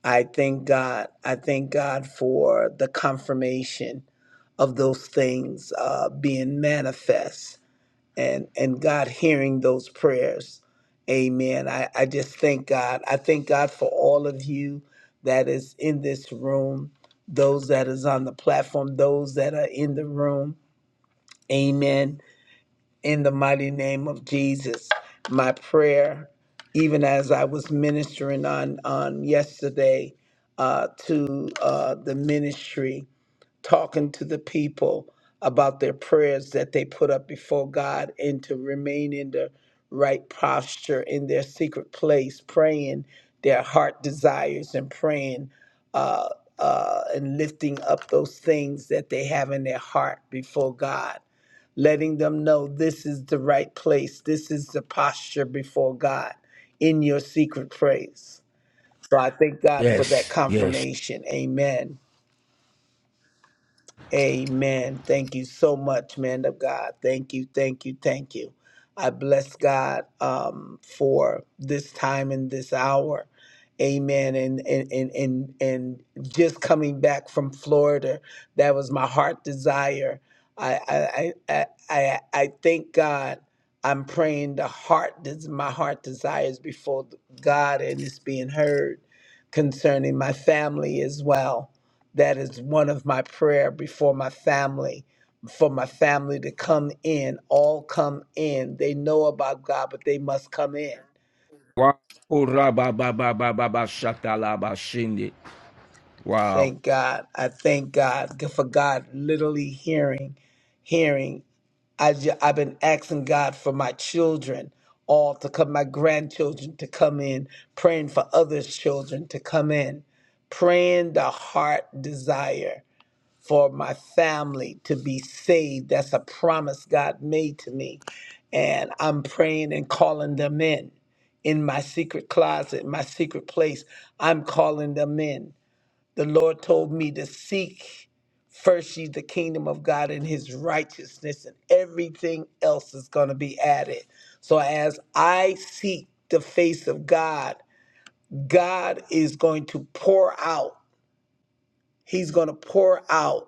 Speaker 1: I thank God. I thank God for the confirmation of those things uh, being manifest and, and God hearing those prayers. Amen. I, I just thank God. I thank God for all of you that is in this room, those that is on the platform, those that are in the room. Amen. In the mighty name of Jesus, my prayer, even as I was ministering on on yesterday uh, to uh, the ministry, talking to the people about their prayers that they put up before God, and to remain in the right posture in their secret place, praying their heart desires and praying uh, uh, and lifting up those things that they have in their heart before God letting them know this is the right place, this is the posture before God in your secret praise. So I thank God for that
Speaker 3: Yes, yes.
Speaker 1: confirmation. Amen. Amen. Thank you so much, man of God. Thank you, thank you, thank you. I bless God um, for this time and this hour. Amen. And, and and and and just coming back from Florida, that was my heart desire. I I I I, I I thank God. I'm praying the heart des- my heart desires before God and it's being heard concerning my family as well that is one of my prayer before my family, for my family to come in, all come in. They know about God, but they must come in.
Speaker 3: Wa- Ora ba ba ba ba ba ba shata la Wow.
Speaker 1: Thank God. I thank God for God literally hearing, hearing. I ju- I've been asking God for my children all to come, my grandchildren to come in, praying for others' children to come in, praying the heart desire. for my family to be saved. That's a promise God made to me. And I'm praying and calling them in. In my secret closet, my secret place, I'm calling them in. The Lord told me to seek first ye the kingdom of God and his righteousness, and everything else is going to be added. So as I seek the face of God, God is going to pour out. He's going to pour out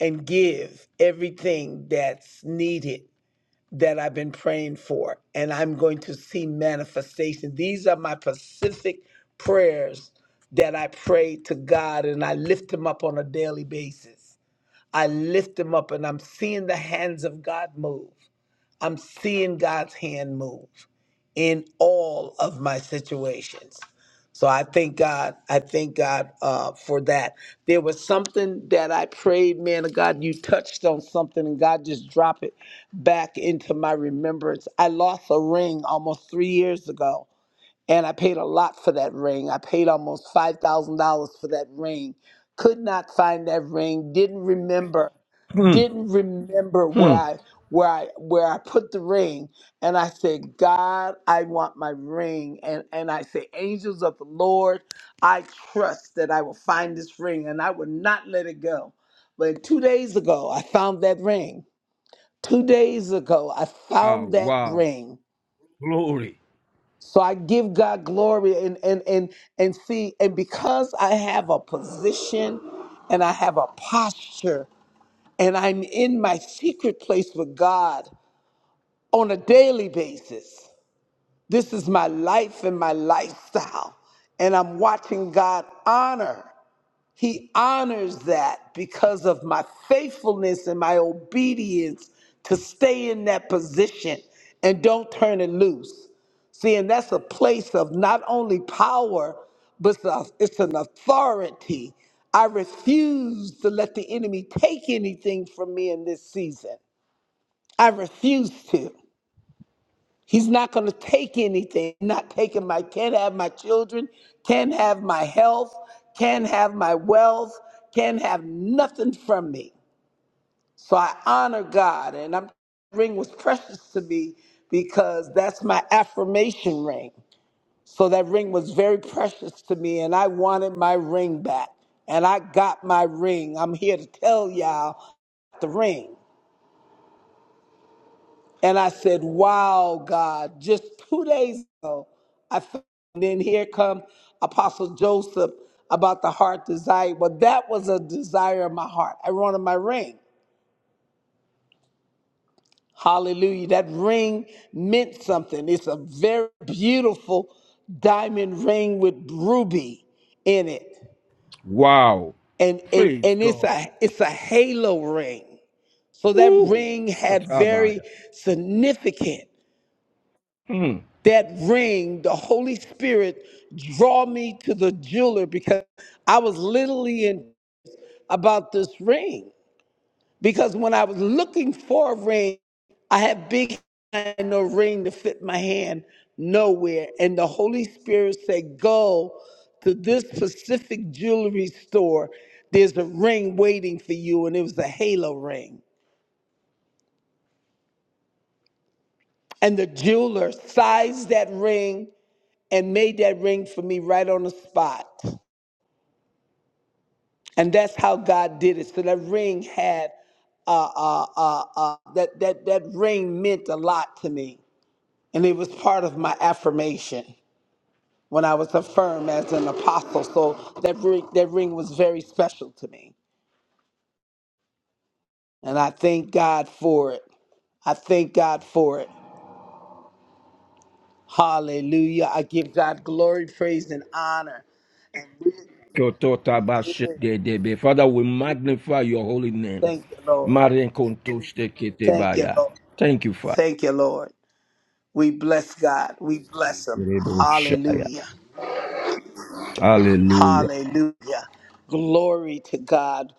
Speaker 1: and give everything that's needed that I've been praying for, and I'm going to see manifestation. These are my Pacific prayers that I pray to God, and I lift them up on a daily basis. I lift them up, and I'm seeing the hands of God move. I'm seeing God's hand move in all of my situations. So I thank God. I thank God uh, for that. There was something that I prayed, man of God, you touched on something and God just dropped it back into my remembrance. I lost a ring almost three years ago and I paid a lot for that ring. I paid almost five thousand dollars for that ring. Could not find that ring. Didn't remember.
Speaker 3: Hmm.
Speaker 1: Didn't remember where
Speaker 3: Hmm.
Speaker 1: I where I where I put the ring. And I said, God, I want my ring. And and I say, angels of the Lord, I trust that I will find this ring, and I will not let it go. But two days ago, I found that ring. Two days ago, I
Speaker 3: Wow.
Speaker 1: found that
Speaker 3: Wow.
Speaker 1: ring
Speaker 3: Glory.
Speaker 1: so I give God glory and and and and see and because I have a position and I have a posture and I'm in my secret place with God on a daily basis. This is my life and my lifestyle and I'm watching God honor. He honors that because of my faithfulness and my obedience to stay in that position and don't turn it loose. See, and that's a place of not only power, but it's a- it's an authority. I refuse to let the enemy take anything from me in this season. I refuse to. He's not going to take anything. Not taking my can't have my children, can't have my health, can't have my wealth, can't have nothing from me. So I honor God, and I'm ring was precious to me because that's my affirmation ring. So that ring was very precious to me, and I wanted my ring back, and I got my ring. I'm here to tell y'all the ring. And I said, Wow, God, just two days ago, I felt, and then here come Apostle Joseph about the heart desire. Well, that was a desire of my heart. I wanted my ring. Hallelujah. That ring meant something. It's a very beautiful diamond ring with ruby in it.
Speaker 3: Wow.
Speaker 1: And and
Speaker 3: Praise
Speaker 1: and it's
Speaker 3: God.
Speaker 1: a it's a halo ring. So that
Speaker 3: Woo.
Speaker 1: ring had very
Speaker 3: Skatabaya.
Speaker 1: significant.
Speaker 3: Hmm.
Speaker 1: that ring, the Holy Spirit draw me to the jeweler because I was literally in about this ring. Because when I was looking for a ring, I had big hand, no ring to fit my hand nowhere. And the Holy Spirit said, Go to this specific jewelry store. There's a ring waiting for you, and it was a halo ring. And the jeweler sized that ring and made that ring for me right on the spot. and that's how God did it. So that ring had uh, uh, uh, uh, that that that ring meant a lot to me, and it was part of my affirmation when I was affirmed as an apostle. So that ring, that ring was very special to me, and I thank God for it. I thank God for it. Hallelujah! I give God glory, praise, and honor.
Speaker 3: Kototabashedebe. Father, we magnify your holy name.
Speaker 1: Thank you, Lord. Thank you,
Speaker 3: Marinkontosteketebaya.
Speaker 1: Lord.
Speaker 3: Thank you, Father.
Speaker 1: Thank you, Lord. We bless God. We bless Him.
Speaker 3: Reboshaya.
Speaker 1: Hallelujah.
Speaker 3: Hallelujah.
Speaker 1: Hallelujah. Glory to God.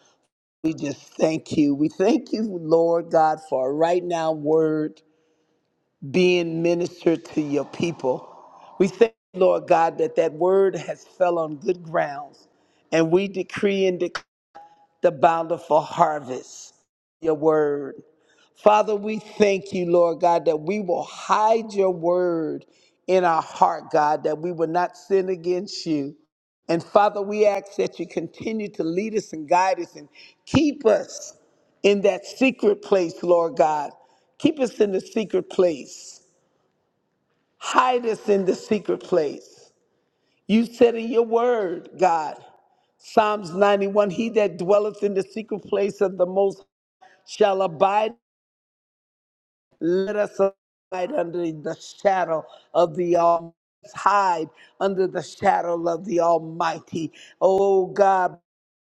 Speaker 1: We just thank you. We thank you, Lord God, for a right now word being ministered to your people. We thank you, Lord God, that that word has fell on good grounds. And we decree and declare the bountiful harvest, your word. Father, we thank you, Lord God, that we will hide your word in our heart, God, that we will not sin against you. And Father, we ask that you continue to lead us and guide us and keep us in that secret place, Lord God. Keep us in the secret place. Hide us in the secret place. You said in your word, God, Psalms 91, he that dwelleth in the secret place of the most shall abide. Let us hide under the shadow of the Almighty. Hide under the shadow of the Almighty. Oh God,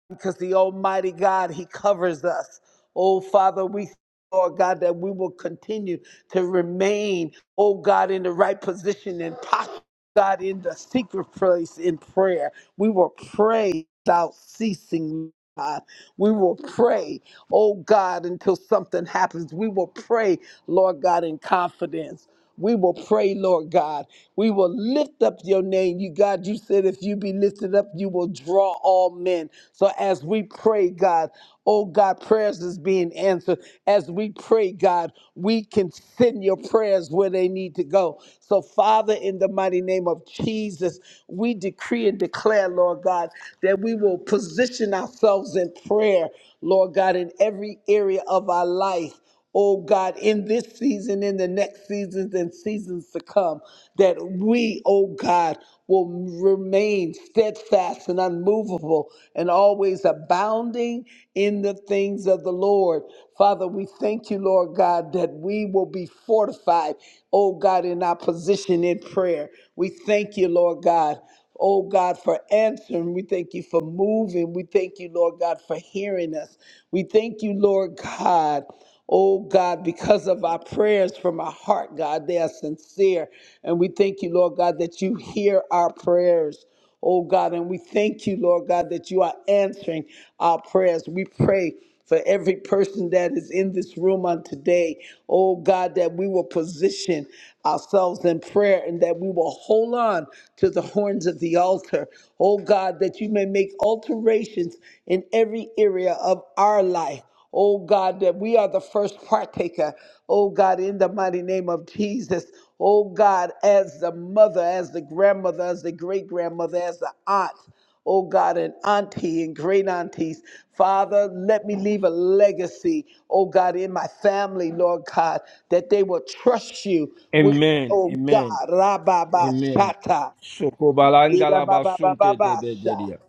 Speaker 1: because the Almighty God, He covers us. Oh Father, we thank you, Lord God, that we will continue to remain, oh God, in the right position and posture, God, in the secret place in prayer. We will pray without ceasing, God. We will pray oh God, until something happens. We will pray, Lord God, in confidence. We will pray, Lord God. We will lift up your name. You, God, you said if you be lifted up, you will draw all men. So as we pray, God, oh God, prayers is being answered. As we pray, God, we can send your prayers where they need to go. So, Father, in the mighty name of Jesus, we decree and declare, Lord God, that we will position ourselves in and prayer, Lord God, in every area of our life. Oh God, in this season, in the next seasons and seasons to come, that we, oh God, will remain steadfast and unmovable and always abounding in the things of the Lord. Father, we thank you, Lord God, that we will be fortified, oh God, in our position in prayer. We thank you, Lord God. Oh God, for answering. We thank you for moving. We thank you, Lord God, for hearing us. We thank you, Lord God. Oh God, because of our prayers from our heart, God, they are sincere. And we thank you, Lord God, that you hear our prayers oh God. And we thank you, Lord God, that you are answering our prayers. We pray. For every person that is in this room on today, oh God, that we will position ourselves in prayer and that we will hold on to the horns of the altar, oh God, that you may make alterations in every area of our life. Oh God, that we are the first partaker. Oh God, in the mighty name of Jesus. Oh God, as the mother, as the grandmother, as the great grandmother, as the aunt. Oh God, and auntie and great aunties. Father, let me leave a legacy, oh God, in my family, Lord God, that they will trust you with,
Speaker 3: Amen.
Speaker 1: oh
Speaker 3: Amen.
Speaker 1: God, Rabba
Speaker 3: Amen.
Speaker 1: Shata.
Speaker 3: Sokobalangalabasunte debegedia.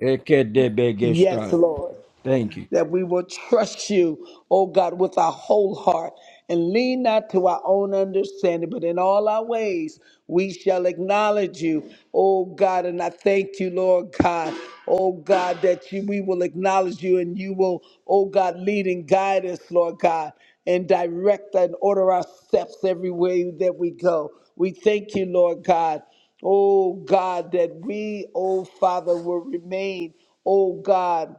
Speaker 3: Eke
Speaker 1: Yes,
Speaker 3: debegesta.
Speaker 1: Lord
Speaker 3: Thank you.
Speaker 1: that we will trust you, oh God, with our whole heart and lean not to our own understanding, but in all our ways we shall acknowledge you, oh God. And I thank you, Lord God, oh God, that you, we will acknowledge you and you will, oh God, lead and guide us, Lord God, and direct and order our steps every way that we go. We thank you, Lord God. Oh God, that we, oh Father, will remain, oh God,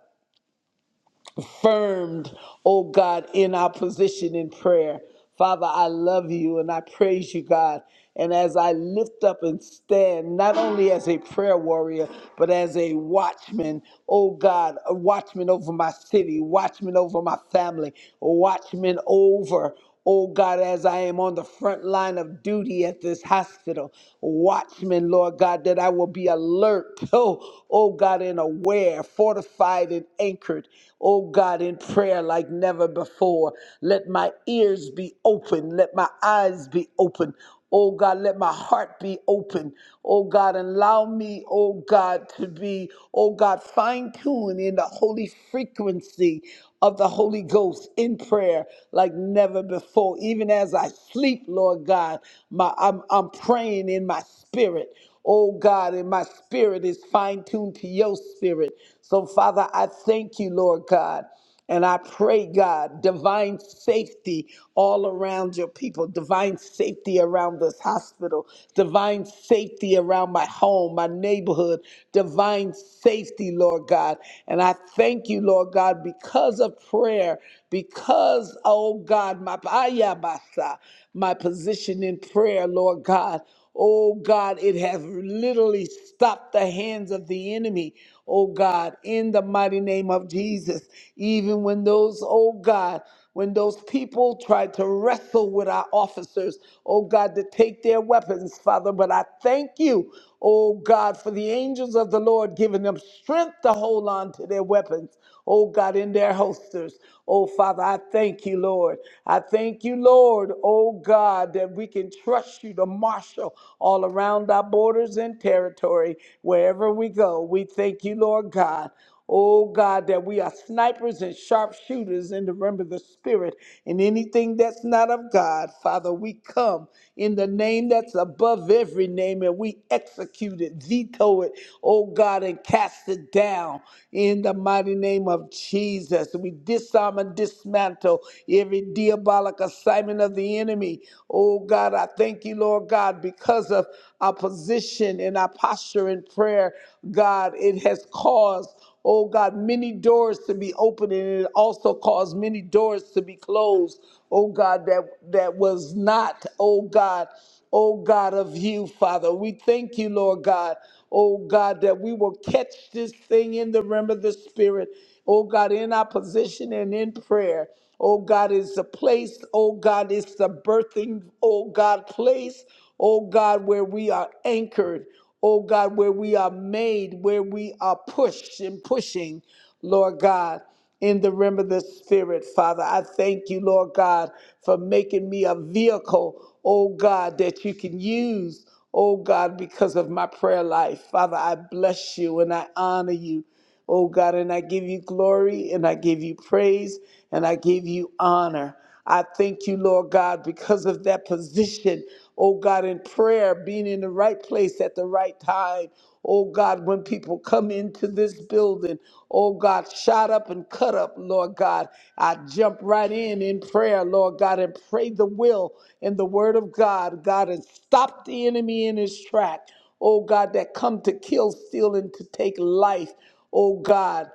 Speaker 1: confirmed, oh God, in our position in prayer. Father, I love you and I praise you, God. And as I lift up and stand, not only as a prayer warrior, but as a watchman, oh God, a watchman over my city, watchman over my family, a watchman over, Oh God, as I am on the front line of duty at this hospital, watchman, Lord God, that I will be alert, oh, oh God, and aware, fortified and anchored, oh God, in prayer like never before. Let my ears be open, let my eyes be open. Oh God, let my heart be open. Oh God, allow me, oh God, to be, oh God, fine tuned in the holy frequency of the Holy Ghost in prayer like never before. Even as I sleep, Lord God, my, I'm, I'm praying in my spirit. Oh God, and my spirit is fine tuned to your spirit. So, Father, I thank you, Lord God. And I pray, God, divine safety all around your people, divine safety around this hospital, divine safety around my home, my neighborhood, divine safety, Lord God. And I thank you, Lord God, because because of prayer, because, oh God, my, ayabasa, my position in prayer, Lord God. Oh God, it has literally stopped the hands of the enemy. Oh God, in the mighty name of Jesus, even when those, oh God, when those people tried to wrestle with our officers, oh God, to take their weapons, Father, but I thank you, oh God, for the angels of the Lord giving them strength to hold on to their weapons, oh God, in their holsters. Oh Father, I thank you, Lord. I thank you, Lord, oh God, that we can trust you to marshal all around our borders and territory wherever we go. We thank you, Lord God. Oh God, that we are snipers and sharpshooters in the realm of the spirit and anything that's not of God, Father, we come in the name that's above every name and we execute it, veto it, oh God, and cast it down in the mighty name of Jesus. We disarm and dismantle every diabolic assignment of the enemy. Oh God, I thank you, Lord God, because of our position and our posture in prayer, God, it has caused oh God, many doors to be opened, and it also caused many doors to be closed, oh God, that, that was not, oh God, oh God of you, Father. We thank you, Lord God, oh God, that we will catch this thing in the realm of the Spirit Oh God, in our position and in prayer. Oh God, is the place, oh God, is the birthing, oh God, place, oh God, where we are anchored, oh God, where we are made, where we are pushed and pushing, Lord God in the realm of the spirit, Father. I thank you, Lord God, for making me a vehicle, oh God, that you can use, oh God, because of my prayer life. Father, I bless you and I honor you. Oh God, and I give you glory and I give you praise and I give you honor. I thank you, Lord God, because of that position, oh God, in prayer, being in the right place at the right time. Oh God, when people come into this building, oh God, shot up and cut up, Lord God. I jump right in in prayer, Lord God, and pray the will and the word of God, God, and stop the enemy in his track oh God, that come to kill, steal, and to take life, oh God,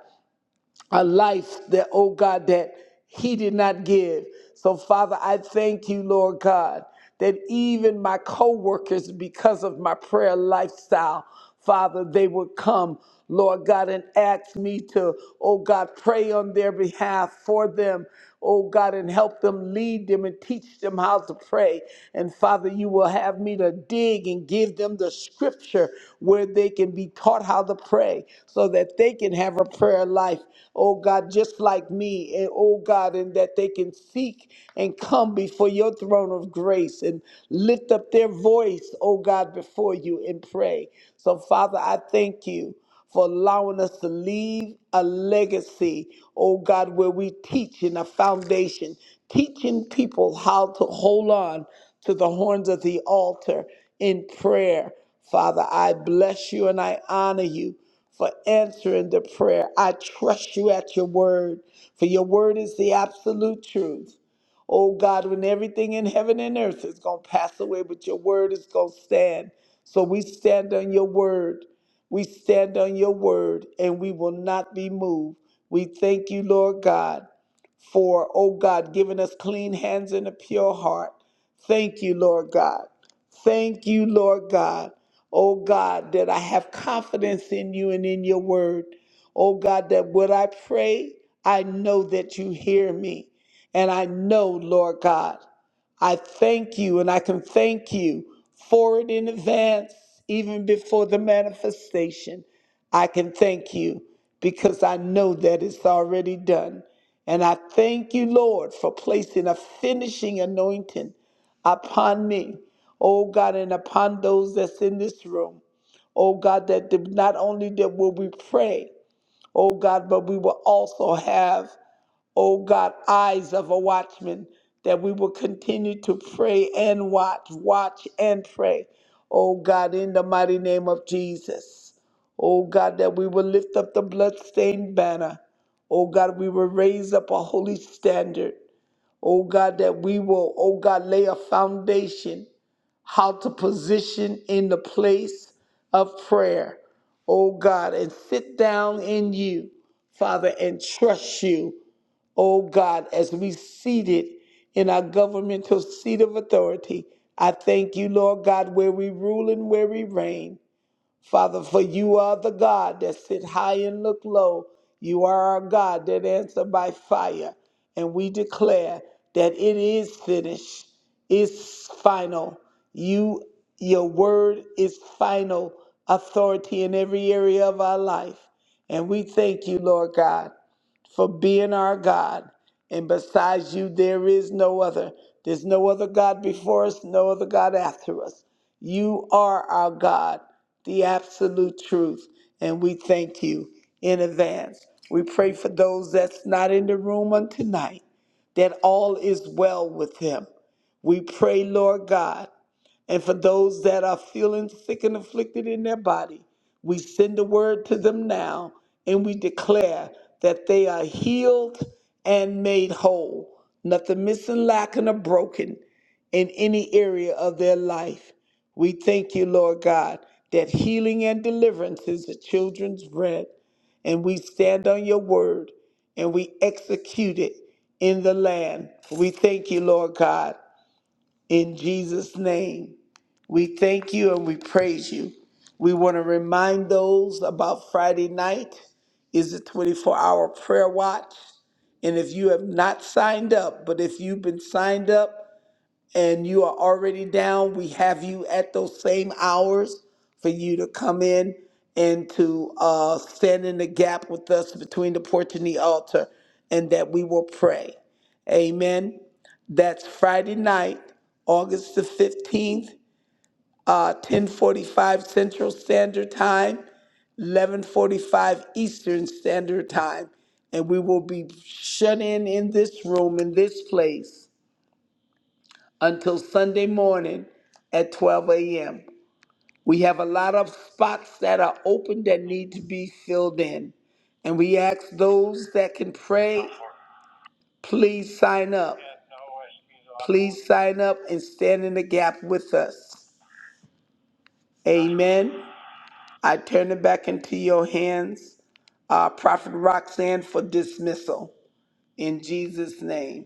Speaker 1: a life that, oh God, that He did not give. So, Father, I thank you, Lord God, that even my co workers, because of my prayer lifestyle, Father, they would come, Lord God, and ask me to, oh God, pray on their behalf for them oh God, and help them lead them and teach them how to pray. And Father, you will have me to dig and give them the scripture where they can be taught how to pray so that they can have a prayer life, oh God, just like me, and oh God, and that they can seek and come before your throne of grace and lift up their voice, oh God, before you and pray. So, Father, I thank you for allowing us to leave a legacy, oh God, where we teach in a foundation, teaching people how to hold on to the horns of the altar in prayer. Father, I bless you and I honor you for answering the prayer. I trust you at your word, for your word is the absolute truth. Oh God, when everything in heaven and earth is going to pass away, but your word is going to stand. So we stand on your word. We stand on your word and we will not be moved. We thank you, Lord God, for, oh God, giving us clean hands and a pure heart. Thank you, Lord God. Thank you, Lord God. Oh God, that I have confidence in you and in your word. Oh God, that when I pray, I know that you hear me. And I know, Lord God, I thank you and I can thank you for it in advance, even before the manifestation. I can thank you because I know that it's already done. And I thank you, Lord, for placing a finishing anointing upon me, oh God, and upon those that's in this room. Oh God, that the- not only that will we pray, oh God, but we will also have oh God, eyes of a watchman, that we will continue to pray and watch, watch and pray. Oh God, in the mighty name of Jesus. Oh God, that we will lift up the bloodstained banner. Oh God, we will raise up a holy standard. Oh God, that we will, oh God, lay a foundation, how to position in the place of prayer. Oh God, and sit down in you, Father, and trust you. Oh God, as we seated in our governmental seat of authority, I thank you, Lord God, where we rule and where we reign. Father, for you are the God that sit high and look low. You are our God that answer by fire. And we declare that it is finished, it's final. You your word is final authority in every area of our life. And we thank you, Lord God for being our God. And besides you, there is no other. There's no other God before us, no other God after us. You are our God, the absolute truth. And we thank you in advance. We pray for those that's not in the room on tonight, that all is well with them. We pray, Lord God, and for those that are feeling sick and afflicted in their body. We send the word to them now and we declare that they are healed and made whole, nothing missing, lacking, or broken in any area of their life. We thank you, Lord God, that healing and deliverance is the children's bread. And we stand on your word and we execute it in the land. We thank you, Lord God, in Jesus' name. We thank you and we praise you. We want to remind those about Friday night is a 24 hour prayer watch. And if you have not signed up, but if you've been signed up and you are already down, we have you at those same hours for you to come in and to uh, stand in the gap with us between the porch and the altar, and that we will pray. Amen. That's Friday night, August the 15th uh, 1045 Central Standard Time, 1145 Eastern Standard Time. And we will be shut in in this room, in this place, until Sunday morning at 12 a.m. We have a lot of spots that are open that need to be filled in. And we ask those that can pray, please sign up. Please sign up and stand in the gap with us. Amen. I turn it back into your hands, uh, Prophet Roxanne, for dismissal. In Jesus' name,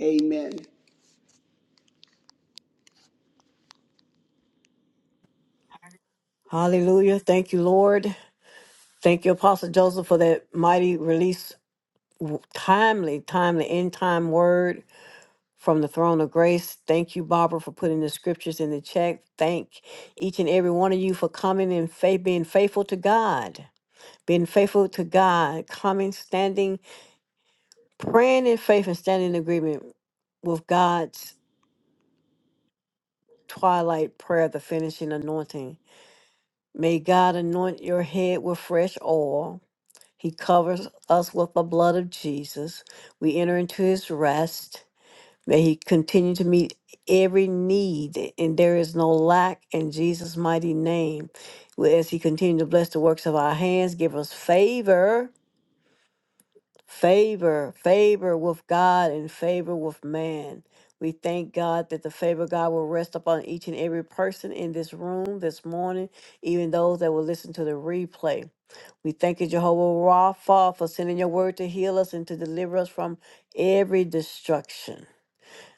Speaker 1: amen.
Speaker 2: Hallelujah. Thank you, Lord. Thank you, Apostle Joseph, for that mighty release w- timely, timely, end time word from the throne of grace. Thank you, Barbara, for putting the scriptures in the chat. Thank each and every one of you for coming in faith, being faithful to God, being faithful to God, coming, standing, praying in faith, and standing in agreement with God's twilight prayer, the finishing anointing. May God anoint your head with fresh oil. He covers us with the blood of Jesus. We enter into his rest. May He continue to meet every need, and there is no lack in Jesus' mighty name. Well, As He continue to bless the works of our hands, give us favor, favor, favor with God and favor with man. We thank God that the favor of God will rest upon each and every person in this room this morning, even those that will listen to the replay. We thank you, Jehovah Rapha, for sending your word to heal us and to deliver us from every destruction.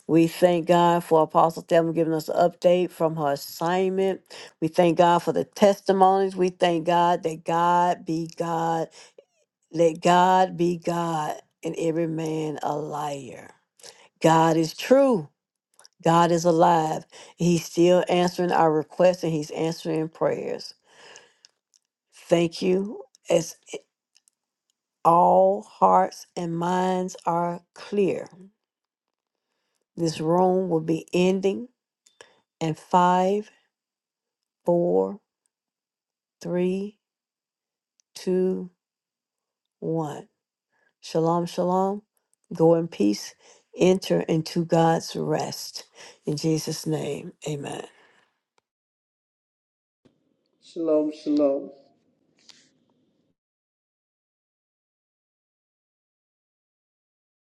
Speaker 2: We thank God for Apostle Thelma giving us an update from her assignment. We thank God for the testimonies. We thank God that God be God. Let God be God and every man a liar. God is true. God is alive. He's still answering our requests and he's answering prayers. Thank you. As all hearts and minds are clear, this room will be ending in five, four, three, two, one. Shalom, shalom. Go in peace. Enter into God's rest. In Jesus' name, amen.
Speaker 1: Shalom, shalom.